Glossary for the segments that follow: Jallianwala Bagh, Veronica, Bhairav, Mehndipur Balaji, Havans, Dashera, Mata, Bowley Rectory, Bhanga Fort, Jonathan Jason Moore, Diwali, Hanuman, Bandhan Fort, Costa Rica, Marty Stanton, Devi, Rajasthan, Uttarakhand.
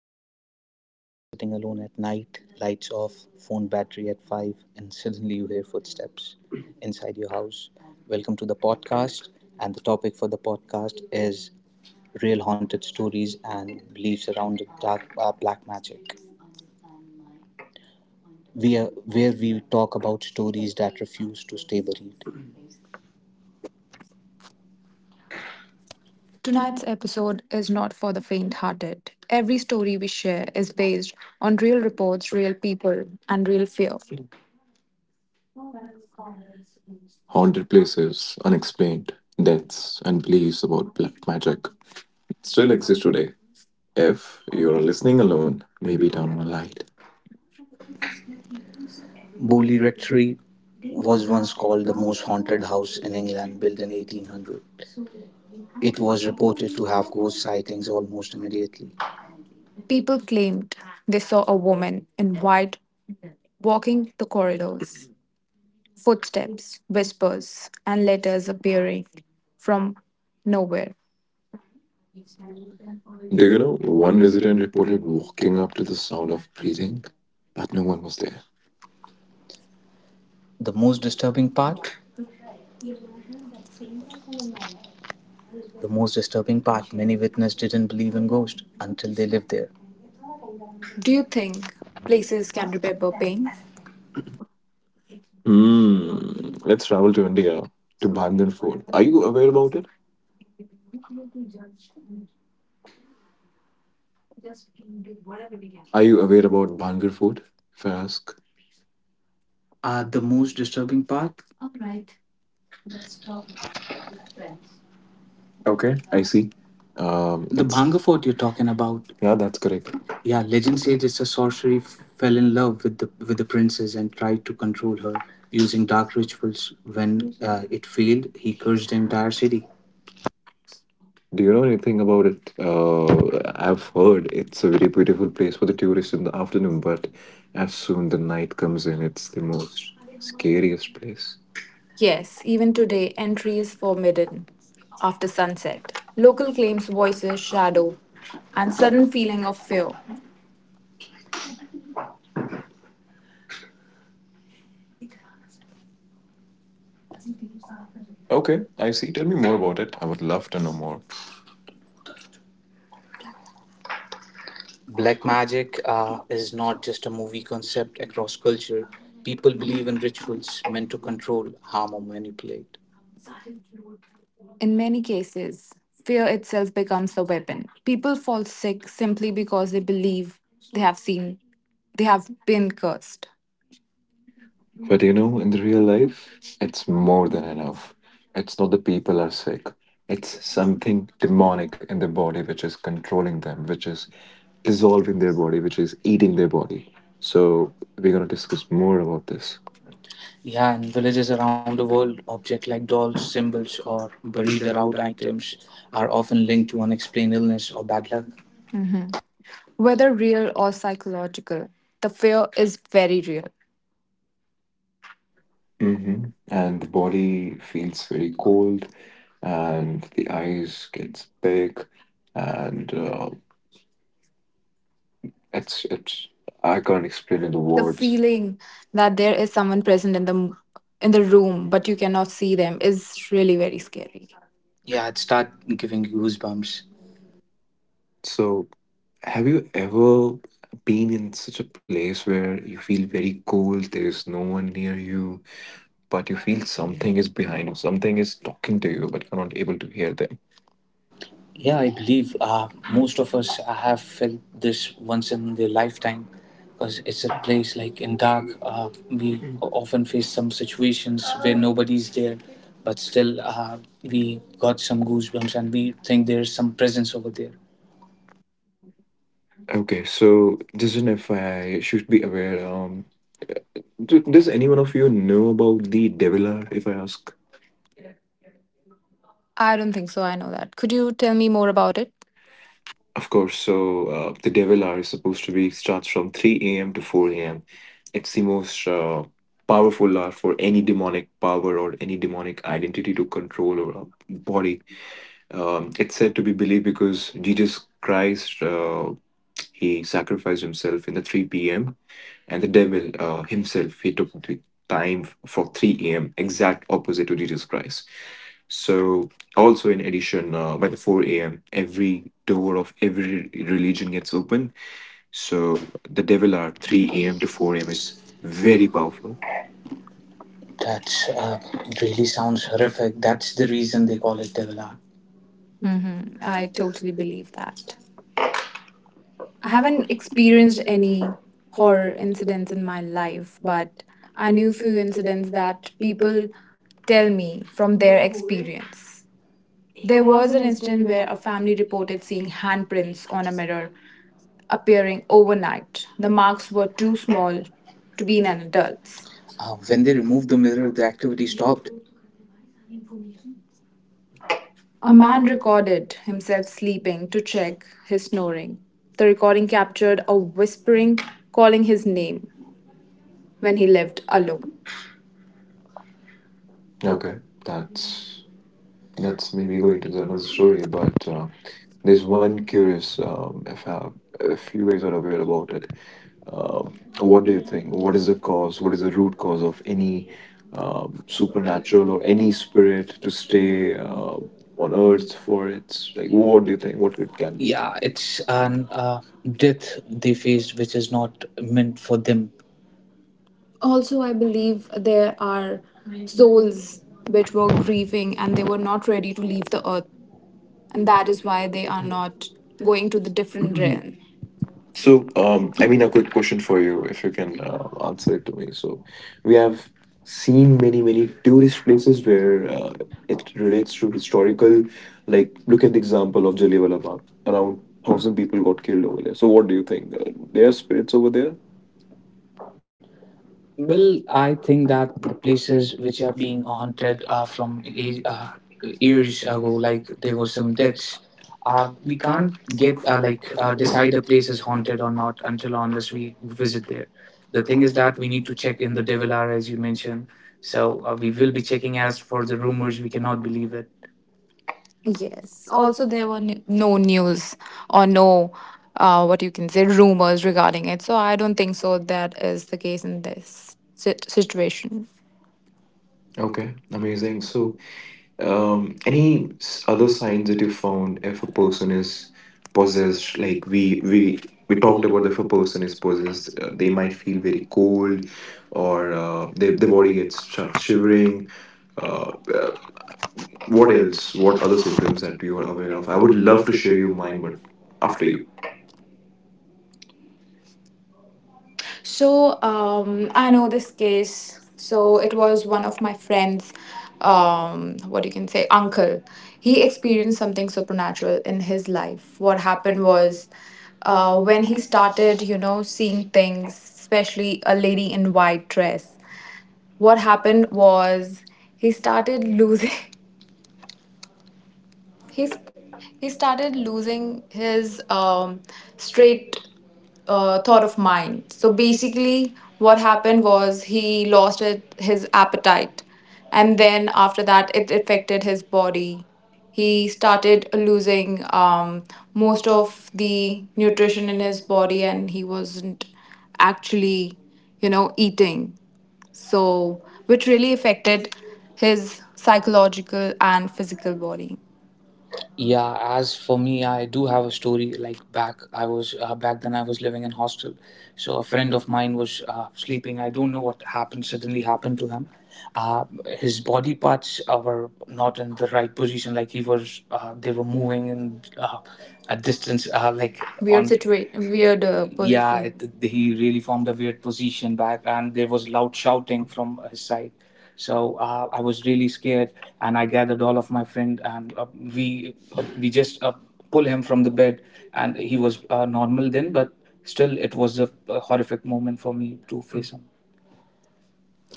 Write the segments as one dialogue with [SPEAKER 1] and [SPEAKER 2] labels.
[SPEAKER 1] for a moment. Imagine sitting alone at night, lights off, phone battery at 5, and suddenly you hear footsteps inside your house. Welcome to the podcast. And the topic for the podcast is real haunted stories and beliefs around dark, black magic. We are, where we talk about stories that refuse to stay buried.
[SPEAKER 2] Tonight's episode is not for the faint hearted. Every story we share is based on real reports, real people, and real fear.
[SPEAKER 3] Haunted places, unexplained deaths, and beliefs about black magic still exist today. If you're listening alone, maybe down on a light.
[SPEAKER 2] Bowley
[SPEAKER 1] Bowley
[SPEAKER 2] Rectory
[SPEAKER 1] Rectory
[SPEAKER 2] was
[SPEAKER 1] was
[SPEAKER 2] once
[SPEAKER 1] once
[SPEAKER 2] called
[SPEAKER 1] called
[SPEAKER 2] the
[SPEAKER 1] the
[SPEAKER 2] most
[SPEAKER 1] most
[SPEAKER 2] haunted
[SPEAKER 1] haunted
[SPEAKER 2] house
[SPEAKER 1] house
[SPEAKER 2] in
[SPEAKER 1] in
[SPEAKER 2] England,
[SPEAKER 1] England.
[SPEAKER 2] built in 1800. It
[SPEAKER 1] It
[SPEAKER 2] was
[SPEAKER 1] was
[SPEAKER 2] reported
[SPEAKER 1] reported
[SPEAKER 2] to
[SPEAKER 1] to
[SPEAKER 2] have
[SPEAKER 1] have
[SPEAKER 2] ghost
[SPEAKER 1] ghost
[SPEAKER 2] sightings
[SPEAKER 1] sightings
[SPEAKER 2] almost
[SPEAKER 1] almost immediately.
[SPEAKER 2] immediately. People claimed they saw a woman in white walking the corridors, footsteps, whispers, and letters appearing from nowhere.
[SPEAKER 3] Do you know one resident reported walking up to the sound of breathing, but no one was there?
[SPEAKER 2] The
[SPEAKER 1] The
[SPEAKER 2] most
[SPEAKER 1] most
[SPEAKER 2] disturbing
[SPEAKER 1] disturbing part?
[SPEAKER 2] part?
[SPEAKER 1] The
[SPEAKER 2] The
[SPEAKER 1] most
[SPEAKER 2] most
[SPEAKER 1] disturbing
[SPEAKER 2] disturbing part,
[SPEAKER 1] part,
[SPEAKER 2] many
[SPEAKER 1] many witnesses
[SPEAKER 2] witnesses didn't
[SPEAKER 1] didn't believe
[SPEAKER 2] believe
[SPEAKER 1] in
[SPEAKER 2] in
[SPEAKER 1] ghosts
[SPEAKER 2] ghosts until
[SPEAKER 1] until they
[SPEAKER 2] they lived
[SPEAKER 1] lived there.
[SPEAKER 2] there. Do
[SPEAKER 1] Do
[SPEAKER 2] you
[SPEAKER 1] you think
[SPEAKER 2] think places
[SPEAKER 1] places can
[SPEAKER 2] can
[SPEAKER 1] remember
[SPEAKER 2] remember
[SPEAKER 1] pain?
[SPEAKER 2] pain?
[SPEAKER 3] Hmm. Let's travel to India to Bandhan Fort. Are you aware about it? Are you aware about Bandhan Fort? If I ask. The
[SPEAKER 2] The
[SPEAKER 3] most
[SPEAKER 2] most
[SPEAKER 3] disturbing
[SPEAKER 2] disturbing
[SPEAKER 3] part.
[SPEAKER 2] part,
[SPEAKER 3] Okay, I see. The
[SPEAKER 1] The
[SPEAKER 3] it's
[SPEAKER 2] Bhanga
[SPEAKER 1] Bhanga
[SPEAKER 3] Bhanga Fort
[SPEAKER 2] Fort you're
[SPEAKER 3] you're talking
[SPEAKER 2] talking
[SPEAKER 1] talking about,
[SPEAKER 3] about.
[SPEAKER 2] about.
[SPEAKER 3] Yeah, that's correct.
[SPEAKER 1] yeah,
[SPEAKER 3] Yeah,
[SPEAKER 2] Yeah,
[SPEAKER 3] let
[SPEAKER 1] later
[SPEAKER 3] me
[SPEAKER 2] legend
[SPEAKER 3] say
[SPEAKER 2] says
[SPEAKER 1] the
[SPEAKER 3] this:
[SPEAKER 2] it's
[SPEAKER 3] a
[SPEAKER 2] a
[SPEAKER 3] sorcerer
[SPEAKER 2] sorcery
[SPEAKER 1] sorcery
[SPEAKER 3] fell
[SPEAKER 1] fell
[SPEAKER 2] fell
[SPEAKER 3] in
[SPEAKER 1] in
[SPEAKER 2] in
[SPEAKER 3] love
[SPEAKER 2] love
[SPEAKER 1] love
[SPEAKER 2] with
[SPEAKER 3] with the
[SPEAKER 2] the with
[SPEAKER 3] with
[SPEAKER 1] with the
[SPEAKER 2] the
[SPEAKER 3] the
[SPEAKER 1] prince
[SPEAKER 3] princess
[SPEAKER 2] princess and
[SPEAKER 3] and
[SPEAKER 1] and
[SPEAKER 3] tried
[SPEAKER 1] tried
[SPEAKER 2] tried
[SPEAKER 1] to
[SPEAKER 2] to
[SPEAKER 3] to
[SPEAKER 1] control
[SPEAKER 2] control
[SPEAKER 3] control
[SPEAKER 1] her
[SPEAKER 3] her
[SPEAKER 2] her using
[SPEAKER 3] using
[SPEAKER 1] using dark.
[SPEAKER 2] dark
[SPEAKER 3] dark rituals.
[SPEAKER 2] rituals.
[SPEAKER 3] When
[SPEAKER 1] When
[SPEAKER 2] When it
[SPEAKER 3] it
[SPEAKER 1] it failed,
[SPEAKER 2] failed,
[SPEAKER 3] failed,
[SPEAKER 2] he
[SPEAKER 3] he
[SPEAKER 1] he
[SPEAKER 3] cursed
[SPEAKER 1] cursed
[SPEAKER 2] cursed
[SPEAKER 3] the
[SPEAKER 1] the
[SPEAKER 2] the
[SPEAKER 3] entire
[SPEAKER 1] entire
[SPEAKER 2] entire
[SPEAKER 1] city.
[SPEAKER 3] city.
[SPEAKER 2] city.
[SPEAKER 3] Do you know anything about it? I've heard it's a very beautiful place for the tourists in the afternoon, but as soon the night comes in, it's the most scariest place.
[SPEAKER 2] Yes,
[SPEAKER 3] Yes,
[SPEAKER 2] even
[SPEAKER 3] even
[SPEAKER 2] today,
[SPEAKER 3] today,
[SPEAKER 2] entry
[SPEAKER 3] entry is
[SPEAKER 2] is
[SPEAKER 3] forbidden
[SPEAKER 2] forbidden
[SPEAKER 3] after
[SPEAKER 2] after
[SPEAKER 3] sunset.
[SPEAKER 2] sunset.
[SPEAKER 1] No,
[SPEAKER 2] Local
[SPEAKER 3] Local
[SPEAKER 2] claims
[SPEAKER 3] claims
[SPEAKER 2] voices,
[SPEAKER 3] voices shadow
[SPEAKER 2] shadow, and
[SPEAKER 1] I
[SPEAKER 2] sudden
[SPEAKER 3] 7 p.m.
[SPEAKER 2] feeling of
[SPEAKER 3] of spring.
[SPEAKER 2] fear.
[SPEAKER 3] Okay, I see. Tell me more about it. I would love to know more.
[SPEAKER 1] black
[SPEAKER 2] Black
[SPEAKER 1] magic
[SPEAKER 2] magic
[SPEAKER 1] is
[SPEAKER 2] is not
[SPEAKER 1] not
[SPEAKER 2] just
[SPEAKER 1] just
[SPEAKER 2] a
[SPEAKER 1] a movie
[SPEAKER 2] movie concept
[SPEAKER 1] concept across
[SPEAKER 2] across
[SPEAKER 1] culture.
[SPEAKER 2] culture. People
[SPEAKER 1] People believe
[SPEAKER 2] believe
[SPEAKER 1] in
[SPEAKER 2] in
[SPEAKER 1] rituals
[SPEAKER 2] rituals meant
[SPEAKER 1] meant
[SPEAKER 2] to
[SPEAKER 1] to control,
[SPEAKER 2] control, harm,
[SPEAKER 1] harm, or
[SPEAKER 2] or manipulate.
[SPEAKER 1] manipulate.
[SPEAKER 2] In many cases, fear itself becomes a weapon. People fall sick simply because they believe they have seen, they have been cursed.
[SPEAKER 3] But you know, in the real life, it's more than enough. It's not the people are sick, it's
[SPEAKER 1] Some
[SPEAKER 3] something
[SPEAKER 1] demonic,
[SPEAKER 3] demonic in the body which is controlling them, which
[SPEAKER 1] which
[SPEAKER 3] is
[SPEAKER 1] is
[SPEAKER 3] dissolving
[SPEAKER 1] dissolving
[SPEAKER 3] their
[SPEAKER 1] their
[SPEAKER 3] body,
[SPEAKER 1] body,
[SPEAKER 3] which
[SPEAKER 1] which
[SPEAKER 3] is
[SPEAKER 1] is
[SPEAKER 3] eating
[SPEAKER 1] eating
[SPEAKER 3] their
[SPEAKER 1] their body.
[SPEAKER 3] body.
[SPEAKER 1] So
[SPEAKER 3] So, we're going to discuss more about this.
[SPEAKER 2] Yeah,
[SPEAKER 1] yeah,
[SPEAKER 2] in
[SPEAKER 1] in
[SPEAKER 2] villages
[SPEAKER 1] villages
[SPEAKER 2] around
[SPEAKER 1] around
[SPEAKER 2] the
[SPEAKER 1] the
[SPEAKER 2] world,
[SPEAKER 1] world,
[SPEAKER 2] objects
[SPEAKER 1] objects
[SPEAKER 2] like
[SPEAKER 1] like
[SPEAKER 2] dolls,
[SPEAKER 1] dolls,
[SPEAKER 2] symbols,
[SPEAKER 1] symbols, or
[SPEAKER 2] or buried
[SPEAKER 1] buried
[SPEAKER 2] around
[SPEAKER 1] around
[SPEAKER 2] items
[SPEAKER 1] items
[SPEAKER 2] are
[SPEAKER 1] are
[SPEAKER 2] often
[SPEAKER 1] often
[SPEAKER 2] linked
[SPEAKER 1] linked
[SPEAKER 2] to
[SPEAKER 1] to
[SPEAKER 2] unexplained
[SPEAKER 1] unexplained
[SPEAKER 2] illness
[SPEAKER 1] illness
[SPEAKER 2] or
[SPEAKER 1] or
[SPEAKER 2] bad
[SPEAKER 1] bad
[SPEAKER 2] luck.
[SPEAKER 1] luck.
[SPEAKER 2] Mhm. Whether real or psychological, the fear is very real.
[SPEAKER 3] And the body feels very cold, and the eyes gets big, and it's I can't explain in the words. Feeling
[SPEAKER 2] Feeling
[SPEAKER 3] that
[SPEAKER 2] that
[SPEAKER 3] there
[SPEAKER 2] there is
[SPEAKER 3] is
[SPEAKER 2] someone
[SPEAKER 3] someone present
[SPEAKER 2] present
[SPEAKER 3] in
[SPEAKER 2] in the
[SPEAKER 3] in
[SPEAKER 2] in
[SPEAKER 3] the
[SPEAKER 2] the
[SPEAKER 3] room,
[SPEAKER 2] room,
[SPEAKER 3] but
[SPEAKER 2] but
[SPEAKER 3] you
[SPEAKER 2] you cannot
[SPEAKER 3] cannot see
[SPEAKER 2] see
[SPEAKER 3] them,
[SPEAKER 2] them, is
[SPEAKER 3] is really
[SPEAKER 2] really very
[SPEAKER 3] very scary.
[SPEAKER 2] scary. Yeah,
[SPEAKER 1] Yeah,
[SPEAKER 3] Yeah,
[SPEAKER 1] it
[SPEAKER 3] it
[SPEAKER 2] it
[SPEAKER 1] start
[SPEAKER 2] start
[SPEAKER 3] start
[SPEAKER 2] giving
[SPEAKER 1] giving
[SPEAKER 3] giving
[SPEAKER 2] goosebumps.
[SPEAKER 1] goosebumps.
[SPEAKER 3] goosebumps. So have you ever been in such a place where you feel very cold, there's no one near you, but you feel something is behind you, something is talking to you, but you're not able to hear them?
[SPEAKER 2] Yeah,
[SPEAKER 1] Yeah, I
[SPEAKER 2] I
[SPEAKER 1] believe
[SPEAKER 2] believe
[SPEAKER 1] most
[SPEAKER 2] most of
[SPEAKER 1] of us
[SPEAKER 2] us
[SPEAKER 1] have
[SPEAKER 2] have
[SPEAKER 1] felt
[SPEAKER 2] felt
[SPEAKER 1] this
[SPEAKER 2] this
[SPEAKER 1] once
[SPEAKER 2] once
[SPEAKER 1] in
[SPEAKER 2] in
[SPEAKER 1] their
[SPEAKER 2] their
[SPEAKER 1] lifetime
[SPEAKER 2] lifetime
[SPEAKER 1] because
[SPEAKER 2] because
[SPEAKER 1] it's
[SPEAKER 2] it's a
[SPEAKER 1] a place
[SPEAKER 2] place
[SPEAKER 1] like
[SPEAKER 2] like
[SPEAKER 1] in
[SPEAKER 2] in
[SPEAKER 1] dark.
[SPEAKER 2] dark.
[SPEAKER 1] We
[SPEAKER 2] We
[SPEAKER 1] often
[SPEAKER 2] often
[SPEAKER 1] face
[SPEAKER 2] face
[SPEAKER 1] some
[SPEAKER 2] some
[SPEAKER 1] situations
[SPEAKER 2] situations
[SPEAKER 1] where
[SPEAKER 2] where
[SPEAKER 1] nobody's
[SPEAKER 2] nobody's
[SPEAKER 1] there,
[SPEAKER 2] there,
[SPEAKER 1] but
[SPEAKER 2] but
[SPEAKER 1] still
[SPEAKER 2] still we
[SPEAKER 1] we got
[SPEAKER 2] got some
[SPEAKER 1] some goosebumps
[SPEAKER 2] goosebumps,
[SPEAKER 1] and
[SPEAKER 2] and we
[SPEAKER 1] we think
[SPEAKER 2] think
[SPEAKER 1] there's
[SPEAKER 2] there's
[SPEAKER 1] some
[SPEAKER 2] some
[SPEAKER 1] presence
[SPEAKER 2] presence
[SPEAKER 1] over
[SPEAKER 2] over
[SPEAKER 1] there.
[SPEAKER 2] there.
[SPEAKER 3] Okay, so just an FYI, you should be aware. Does anyone of you know about the Devilar, if I ask?
[SPEAKER 2] I don't think so, I know that. Could you tell me more about it?
[SPEAKER 3] Of course, so the devil hour is supposed to be starts from 3 a.m. to 4 a.m. It's the most powerful hour for any demonic power or any demonic identity to control our body. It's said to be believed because Jesus Christ he sacrificed himself in the 3 p.m. and the devil himself he took the time for 3 a.m. exact opposite to Jesus Christ. So, also in addition, by the 4 a.m., every door of every religion gets open. So, the devil hour, 3
[SPEAKER 1] 3 a.m.
[SPEAKER 3] a.m.
[SPEAKER 1] to
[SPEAKER 3] to
[SPEAKER 1] 4
[SPEAKER 3] 4
[SPEAKER 1] a.m.
[SPEAKER 3] a.m.,
[SPEAKER 1] is
[SPEAKER 3] is
[SPEAKER 1] very
[SPEAKER 3] very
[SPEAKER 1] powerful.
[SPEAKER 3] powerful.
[SPEAKER 1] That
[SPEAKER 2] That's
[SPEAKER 1] uh, really
[SPEAKER 2] really
[SPEAKER 1] sounds
[SPEAKER 2] sounds horrific.
[SPEAKER 1] horrific. That's
[SPEAKER 2] That's the
[SPEAKER 1] the
[SPEAKER 2] reason
[SPEAKER 1] reason they
[SPEAKER 2] they
[SPEAKER 1] call
[SPEAKER 2] call it
[SPEAKER 1] it.
[SPEAKER 2] devil. Mm-hmm. I totally believe that.
[SPEAKER 3] I
[SPEAKER 2] I
[SPEAKER 3] have an
[SPEAKER 2] haven't
[SPEAKER 3] experience.
[SPEAKER 2] experienced any horror incidents in my life, but I
[SPEAKER 1] few
[SPEAKER 2] knew few
[SPEAKER 1] few incidents
[SPEAKER 2] incidents
[SPEAKER 1] that
[SPEAKER 2] that
[SPEAKER 1] people
[SPEAKER 2] people
[SPEAKER 1] tell
[SPEAKER 2] tell
[SPEAKER 1] me
[SPEAKER 2] me
[SPEAKER 1] from
[SPEAKER 2] from
[SPEAKER 1] their
[SPEAKER 2] their
[SPEAKER 1] experience.
[SPEAKER 2] experience.
[SPEAKER 3] There
[SPEAKER 2] There
[SPEAKER 3] was
[SPEAKER 2] was
[SPEAKER 1] Was
[SPEAKER 3] an
[SPEAKER 2] an
[SPEAKER 1] an
[SPEAKER 3] incident
[SPEAKER 2] incident
[SPEAKER 1] incident
[SPEAKER 3] where
[SPEAKER 1] where
[SPEAKER 2] where a family reported seeing handprints on a mirror appearing overnight. The marks were too small to be in an adult's.
[SPEAKER 1] When
[SPEAKER 2] When they
[SPEAKER 1] they
[SPEAKER 2] removed
[SPEAKER 1] removed
[SPEAKER 2] the
[SPEAKER 1] the mirror,
[SPEAKER 2] mirror,
[SPEAKER 1] the
[SPEAKER 2] the activity
[SPEAKER 1] activity stopped.
[SPEAKER 2] stopped.
[SPEAKER 3] a
[SPEAKER 2] A man
[SPEAKER 3] man rec-.
[SPEAKER 2] recorded himself sleeping to
[SPEAKER 1] To check
[SPEAKER 2] check his
[SPEAKER 1] his snoring.
[SPEAKER 2] snoring. The
[SPEAKER 1] The
[SPEAKER 2] recording
[SPEAKER 1] record
[SPEAKER 2] captured
[SPEAKER 1] captured a
[SPEAKER 2] a whispering
[SPEAKER 1] whispering
[SPEAKER 2] calling
[SPEAKER 1] calling
[SPEAKER 2] his
[SPEAKER 1] his name
[SPEAKER 2] name when
[SPEAKER 1] when
[SPEAKER 2] he
[SPEAKER 1] he
[SPEAKER 2] lived
[SPEAKER 1] left alone.
[SPEAKER 2] alone.
[SPEAKER 1] Okay.
[SPEAKER 3] Okay,
[SPEAKER 1] That's
[SPEAKER 3] that's
[SPEAKER 1] that's
[SPEAKER 3] maybe
[SPEAKER 1] maybe
[SPEAKER 3] going
[SPEAKER 1] going
[SPEAKER 3] to
[SPEAKER 1] to
[SPEAKER 3] the
[SPEAKER 1] the
[SPEAKER 3] another
[SPEAKER 1] whole story.
[SPEAKER 3] story, but
[SPEAKER 1] Um, There's
[SPEAKER 3] there's
[SPEAKER 1] one
[SPEAKER 3] one
[SPEAKER 1] curious.
[SPEAKER 3] curious. Um, if I,
[SPEAKER 1] If
[SPEAKER 3] if you
[SPEAKER 1] you
[SPEAKER 3] guys
[SPEAKER 1] guys
[SPEAKER 3] are
[SPEAKER 1] are
[SPEAKER 3] aware
[SPEAKER 1] aware
[SPEAKER 3] about
[SPEAKER 1] about it,
[SPEAKER 3] it, uh,
[SPEAKER 1] um,
[SPEAKER 3] what
[SPEAKER 1] what
[SPEAKER 3] do
[SPEAKER 1] do
[SPEAKER 3] you
[SPEAKER 1] you think?
[SPEAKER 3] think? What
[SPEAKER 1] What
[SPEAKER 3] is
[SPEAKER 1] is
[SPEAKER 3] the
[SPEAKER 1] the
[SPEAKER 3] cause?
[SPEAKER 1] cause?
[SPEAKER 3] What
[SPEAKER 1] What
[SPEAKER 3] is
[SPEAKER 1] is
[SPEAKER 3] the
[SPEAKER 1] the
[SPEAKER 3] root
[SPEAKER 1] root
[SPEAKER 3] cause
[SPEAKER 1] cause of
[SPEAKER 3] of
[SPEAKER 1] any
[SPEAKER 3] any
[SPEAKER 1] uh, supernatural
[SPEAKER 3] supernatural or
[SPEAKER 1] or
[SPEAKER 3] any
[SPEAKER 1] any
[SPEAKER 3] spirit
[SPEAKER 1] spirit
[SPEAKER 3] to
[SPEAKER 1] to
[SPEAKER 3] stay
[SPEAKER 1] stay on
[SPEAKER 3] on Earth
[SPEAKER 1] Earth
[SPEAKER 3] for
[SPEAKER 1] for
[SPEAKER 3] its like?
[SPEAKER 1] war.
[SPEAKER 3] What do you think? What it can be? Yeah,
[SPEAKER 1] Yeah,
[SPEAKER 2] Yeah,
[SPEAKER 1] it's
[SPEAKER 3] it's
[SPEAKER 2] it's
[SPEAKER 3] an.
[SPEAKER 1] an
[SPEAKER 2] an
[SPEAKER 1] death
[SPEAKER 2] death
[SPEAKER 1] they
[SPEAKER 2] they faced
[SPEAKER 1] faced which
[SPEAKER 2] which
[SPEAKER 1] is
[SPEAKER 2] is
[SPEAKER 1] not
[SPEAKER 2] not
[SPEAKER 1] meant
[SPEAKER 2] meant
[SPEAKER 1] for
[SPEAKER 2] for
[SPEAKER 1] them.
[SPEAKER 2] them.
[SPEAKER 1] All
[SPEAKER 2] Also, I believe there are
[SPEAKER 1] this
[SPEAKER 2] souls which
[SPEAKER 1] bedroom
[SPEAKER 2] were
[SPEAKER 1] is
[SPEAKER 2] grieving and they were not ready to leave the earth, and
[SPEAKER 3] And
[SPEAKER 1] and
[SPEAKER 3] that.
[SPEAKER 2] that is why they are
[SPEAKER 1] that's
[SPEAKER 2] not
[SPEAKER 1] going
[SPEAKER 2] going
[SPEAKER 1] to
[SPEAKER 2] to the
[SPEAKER 1] the different
[SPEAKER 2] different realm.
[SPEAKER 1] realm. So,
[SPEAKER 3] So, I mean, a quick question for
[SPEAKER 1] for
[SPEAKER 3] you,
[SPEAKER 1] you,
[SPEAKER 3] if you can answer it to me. So, we have seen many, many tourist places where it relates to historical. Like, look at the example of Jallianwala Bagh. Around 1,000 people
[SPEAKER 1] people
[SPEAKER 3] got
[SPEAKER 1] got
[SPEAKER 3] killed
[SPEAKER 1] killed
[SPEAKER 3] over
[SPEAKER 1] over there.
[SPEAKER 3] there. So, what do you think? There
[SPEAKER 1] There
[SPEAKER 3] are
[SPEAKER 1] are spirits
[SPEAKER 3] spirits over
[SPEAKER 1] over there.
[SPEAKER 3] there.
[SPEAKER 2] Well,
[SPEAKER 1] Well, I
[SPEAKER 2] I
[SPEAKER 1] think
[SPEAKER 2] think
[SPEAKER 1] that
[SPEAKER 2] that
[SPEAKER 1] the places
[SPEAKER 2] places
[SPEAKER 1] which
[SPEAKER 2] which
[SPEAKER 1] are
[SPEAKER 2] are
[SPEAKER 1] being
[SPEAKER 2] being
[SPEAKER 1] haunted
[SPEAKER 2] haunted are
[SPEAKER 1] from
[SPEAKER 2] from
[SPEAKER 1] age,
[SPEAKER 2] age,
[SPEAKER 1] years
[SPEAKER 2] years
[SPEAKER 1] ago,
[SPEAKER 2] ago.
[SPEAKER 1] like
[SPEAKER 2] Like there were some deaths.
[SPEAKER 1] are
[SPEAKER 2] We can't get
[SPEAKER 1] like
[SPEAKER 2] like decide
[SPEAKER 1] decide
[SPEAKER 2] a place
[SPEAKER 1] is
[SPEAKER 2] is
[SPEAKER 1] haunted.
[SPEAKER 2] haunted or not until or unless we visit there. The thing is that we need to check in the Devilar, as you mentioned.
[SPEAKER 1] So
[SPEAKER 2] So we will be checking as for the rumors. We cannot believe it.
[SPEAKER 3] Yes.
[SPEAKER 2] Yes.
[SPEAKER 3] all
[SPEAKER 2] Also, there were no news
[SPEAKER 1] news or
[SPEAKER 2] or
[SPEAKER 1] no
[SPEAKER 2] no,
[SPEAKER 1] what
[SPEAKER 2] what
[SPEAKER 1] you
[SPEAKER 2] you can
[SPEAKER 1] can say
[SPEAKER 2] say,
[SPEAKER 1] rumors
[SPEAKER 2] rumors
[SPEAKER 1] regarding
[SPEAKER 2] regarding
[SPEAKER 1] it.
[SPEAKER 2] it.
[SPEAKER 1] So
[SPEAKER 2] So
[SPEAKER 1] I
[SPEAKER 2] I
[SPEAKER 1] don't
[SPEAKER 2] don't
[SPEAKER 1] think
[SPEAKER 2] think so
[SPEAKER 1] so that
[SPEAKER 2] that
[SPEAKER 1] is
[SPEAKER 2] is
[SPEAKER 1] the
[SPEAKER 2] the
[SPEAKER 1] case
[SPEAKER 2] case
[SPEAKER 1] in
[SPEAKER 2] in
[SPEAKER 1] this
[SPEAKER 2] this
[SPEAKER 1] si- situation.
[SPEAKER 2] situation.
[SPEAKER 1] Okay,
[SPEAKER 3] Okay, amazing.
[SPEAKER 1] amazing. So,
[SPEAKER 3] So, other signs that you found if a person is possessed? Like we talked about if a person is possessed, they might feel very cold, or the body gets starts shivering. Uh, uh, what else? What other symptoms that you are aware of? I
[SPEAKER 1] I
[SPEAKER 3] would
[SPEAKER 1] would
[SPEAKER 3] love
[SPEAKER 1] love
[SPEAKER 3] to
[SPEAKER 1] to share
[SPEAKER 3] share you
[SPEAKER 1] you mine,
[SPEAKER 3] mine,
[SPEAKER 1] but
[SPEAKER 3] but after
[SPEAKER 1] after
[SPEAKER 3] you.
[SPEAKER 1] you.
[SPEAKER 2] So
[SPEAKER 1] So
[SPEAKER 2] I know this case. So
[SPEAKER 1] so
[SPEAKER 2] it
[SPEAKER 1] it
[SPEAKER 2] was
[SPEAKER 1] was
[SPEAKER 2] one of my friends, what you can say, uncle. He experienced something supernatural in his life. What happened was when he started, seeing things, especially a lady in white dress. What happened was, he started losing.
[SPEAKER 1] he
[SPEAKER 2] He's he
[SPEAKER 1] he started
[SPEAKER 2] started
[SPEAKER 1] losing
[SPEAKER 2] losing his
[SPEAKER 1] his
[SPEAKER 2] straight
[SPEAKER 1] uh,
[SPEAKER 2] thought of mind. So basically, what happened was, he lost it, his appetite, and then after that, it affected his body. He started
[SPEAKER 1] losing
[SPEAKER 2] losing most
[SPEAKER 1] most of
[SPEAKER 2] of
[SPEAKER 1] the
[SPEAKER 2] the nutrition
[SPEAKER 1] nutrition
[SPEAKER 2] in
[SPEAKER 1] in
[SPEAKER 2] his
[SPEAKER 1] his
[SPEAKER 2] body,
[SPEAKER 1] body and
[SPEAKER 2] and he
[SPEAKER 1] he wasn't
[SPEAKER 2] wasn't
[SPEAKER 1] actually
[SPEAKER 2] actually,
[SPEAKER 1] you know
[SPEAKER 2] eating.
[SPEAKER 1] so
[SPEAKER 2] So, which really affected
[SPEAKER 1] his,
[SPEAKER 2] his psychological and physical body. Yeah,
[SPEAKER 1] yeah,
[SPEAKER 2] as
[SPEAKER 1] as
[SPEAKER 2] for
[SPEAKER 1] for
[SPEAKER 2] me,
[SPEAKER 1] me,
[SPEAKER 2] I
[SPEAKER 1] I
[SPEAKER 2] do
[SPEAKER 1] do
[SPEAKER 2] have
[SPEAKER 1] have
[SPEAKER 2] a
[SPEAKER 1] a
[SPEAKER 2] story.
[SPEAKER 1] story.
[SPEAKER 2] Like
[SPEAKER 1] Like
[SPEAKER 2] back,
[SPEAKER 1] back,
[SPEAKER 2] I
[SPEAKER 1] I
[SPEAKER 2] was
[SPEAKER 1] was
[SPEAKER 2] back
[SPEAKER 1] back
[SPEAKER 2] then
[SPEAKER 1] then
[SPEAKER 2] I
[SPEAKER 1] I
[SPEAKER 2] was
[SPEAKER 1] was
[SPEAKER 2] living
[SPEAKER 1] living
[SPEAKER 2] in
[SPEAKER 1] in
[SPEAKER 2] hostel,
[SPEAKER 1] hostel,
[SPEAKER 2] so
[SPEAKER 1] so
[SPEAKER 2] a
[SPEAKER 1] a
[SPEAKER 2] friend
[SPEAKER 1] friend
[SPEAKER 2] of
[SPEAKER 1] of
[SPEAKER 2] mine
[SPEAKER 1] mine
[SPEAKER 2] was
[SPEAKER 1] was
[SPEAKER 2] sleeping.
[SPEAKER 1] sleeping.
[SPEAKER 2] I
[SPEAKER 1] I
[SPEAKER 2] don't
[SPEAKER 1] don't
[SPEAKER 2] know
[SPEAKER 1] know
[SPEAKER 2] what
[SPEAKER 1] what
[SPEAKER 2] happened.
[SPEAKER 1] happened.
[SPEAKER 2] Suddenly
[SPEAKER 1] Suddenly
[SPEAKER 2] happened
[SPEAKER 1] happened
[SPEAKER 2] to
[SPEAKER 1] to
[SPEAKER 2] him.
[SPEAKER 1] him.
[SPEAKER 2] Uh,
[SPEAKER 1] Uh,
[SPEAKER 2] his
[SPEAKER 1] his
[SPEAKER 2] body
[SPEAKER 1] body
[SPEAKER 2] parts
[SPEAKER 1] parts
[SPEAKER 2] were
[SPEAKER 1] were
[SPEAKER 2] not
[SPEAKER 1] not
[SPEAKER 2] in
[SPEAKER 1] in
[SPEAKER 2] the
[SPEAKER 1] the
[SPEAKER 2] right
[SPEAKER 1] right
[SPEAKER 2] position.
[SPEAKER 1] position.
[SPEAKER 2] Like
[SPEAKER 1] Like he was,
[SPEAKER 2] they
[SPEAKER 1] they
[SPEAKER 2] were
[SPEAKER 1] were
[SPEAKER 2] moving
[SPEAKER 1] moving in
[SPEAKER 2] in
[SPEAKER 1] uh,
[SPEAKER 2] a
[SPEAKER 1] a
[SPEAKER 2] distance.
[SPEAKER 1] distance. Like
[SPEAKER 2] Like,
[SPEAKER 1] weird
[SPEAKER 2] weird
[SPEAKER 1] on,
[SPEAKER 2] situation, weird,
[SPEAKER 1] situation
[SPEAKER 2] yeah, position.
[SPEAKER 1] yeah, it,
[SPEAKER 2] He
[SPEAKER 1] he
[SPEAKER 2] really formed
[SPEAKER 1] really
[SPEAKER 2] a weird position
[SPEAKER 1] position
[SPEAKER 2] back,
[SPEAKER 1] back,
[SPEAKER 2] and
[SPEAKER 1] and
[SPEAKER 2] there
[SPEAKER 1] there
[SPEAKER 2] was
[SPEAKER 1] was
[SPEAKER 2] loud
[SPEAKER 1] loud
[SPEAKER 2] shouting
[SPEAKER 1] shouting
[SPEAKER 2] from
[SPEAKER 1] from
[SPEAKER 2] his
[SPEAKER 1] his
[SPEAKER 2] side.
[SPEAKER 1] side.
[SPEAKER 2] So
[SPEAKER 1] So
[SPEAKER 2] I
[SPEAKER 1] I
[SPEAKER 2] was
[SPEAKER 1] was
[SPEAKER 2] really
[SPEAKER 1] really
[SPEAKER 2] scared,
[SPEAKER 1] scared,
[SPEAKER 2] and I
[SPEAKER 1] and I
[SPEAKER 2] gathered
[SPEAKER 1] gathered
[SPEAKER 2] all
[SPEAKER 1] all
[SPEAKER 2] of
[SPEAKER 1] of
[SPEAKER 2] my
[SPEAKER 1] my
[SPEAKER 2] friend,
[SPEAKER 1] friend,
[SPEAKER 2] and
[SPEAKER 1] and
[SPEAKER 2] we
[SPEAKER 1] we
[SPEAKER 2] we
[SPEAKER 1] came
[SPEAKER 2] just pull him from the
[SPEAKER 1] from the
[SPEAKER 2] bed,
[SPEAKER 1] bed,
[SPEAKER 2] and
[SPEAKER 1] and
[SPEAKER 2] he
[SPEAKER 1] he
[SPEAKER 2] was
[SPEAKER 1] was
[SPEAKER 2] normal
[SPEAKER 1] normal
[SPEAKER 2] then,
[SPEAKER 1] then,
[SPEAKER 2] but
[SPEAKER 1] but
[SPEAKER 2] still
[SPEAKER 1] still
[SPEAKER 2] it
[SPEAKER 1] it
[SPEAKER 2] was
[SPEAKER 1] was
[SPEAKER 2] a,
[SPEAKER 1] a
[SPEAKER 2] a horrific
[SPEAKER 1] horrific
[SPEAKER 2] moment
[SPEAKER 1] moment
[SPEAKER 2] for
[SPEAKER 1] for
[SPEAKER 2] me
[SPEAKER 1] me
[SPEAKER 2] to
[SPEAKER 1] to
[SPEAKER 2] face
[SPEAKER 1] face
[SPEAKER 2] him.
[SPEAKER 1] him.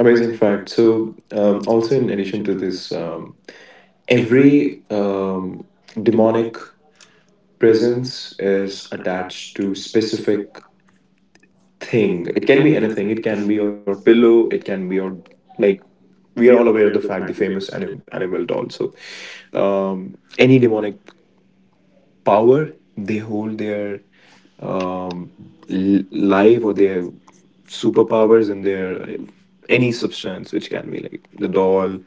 [SPEAKER 1] I mean,
[SPEAKER 3] fact. So, also in addition to this, every demonic presence is attached
[SPEAKER 1] attached.
[SPEAKER 3] to specific thing. It can be anything.
[SPEAKER 1] It
[SPEAKER 3] It
[SPEAKER 1] can
[SPEAKER 3] can
[SPEAKER 1] be
[SPEAKER 3] be
[SPEAKER 1] your
[SPEAKER 3] your
[SPEAKER 1] pillow.
[SPEAKER 3] pillow.
[SPEAKER 1] It
[SPEAKER 3] It
[SPEAKER 1] can
[SPEAKER 3] can
[SPEAKER 1] be
[SPEAKER 3] be
[SPEAKER 1] your
[SPEAKER 3] your
[SPEAKER 1] like.
[SPEAKER 3] like.
[SPEAKER 1] We
[SPEAKER 3] We are
[SPEAKER 1] are all
[SPEAKER 3] all aware
[SPEAKER 1] aware
[SPEAKER 3] of
[SPEAKER 1] of
[SPEAKER 3] the
[SPEAKER 1] the
[SPEAKER 3] fact
[SPEAKER 1] fact
[SPEAKER 3] the
[SPEAKER 1] the famous
[SPEAKER 3] famous
[SPEAKER 1] anim- animal
[SPEAKER 3] animal
[SPEAKER 1] doll.
[SPEAKER 3] doll. So,
[SPEAKER 1] So, um, any
[SPEAKER 3] any demonic
[SPEAKER 1] demonic
[SPEAKER 3] power
[SPEAKER 1] power
[SPEAKER 3] they
[SPEAKER 1] they
[SPEAKER 3] hold
[SPEAKER 1] hold
[SPEAKER 3] their
[SPEAKER 1] um,
[SPEAKER 3] um,
[SPEAKER 1] l- live
[SPEAKER 3] life or their superpowers
[SPEAKER 1] superpowers in
[SPEAKER 3] and
[SPEAKER 1] their
[SPEAKER 3] their
[SPEAKER 1] any
[SPEAKER 3] any substance which can be like the doll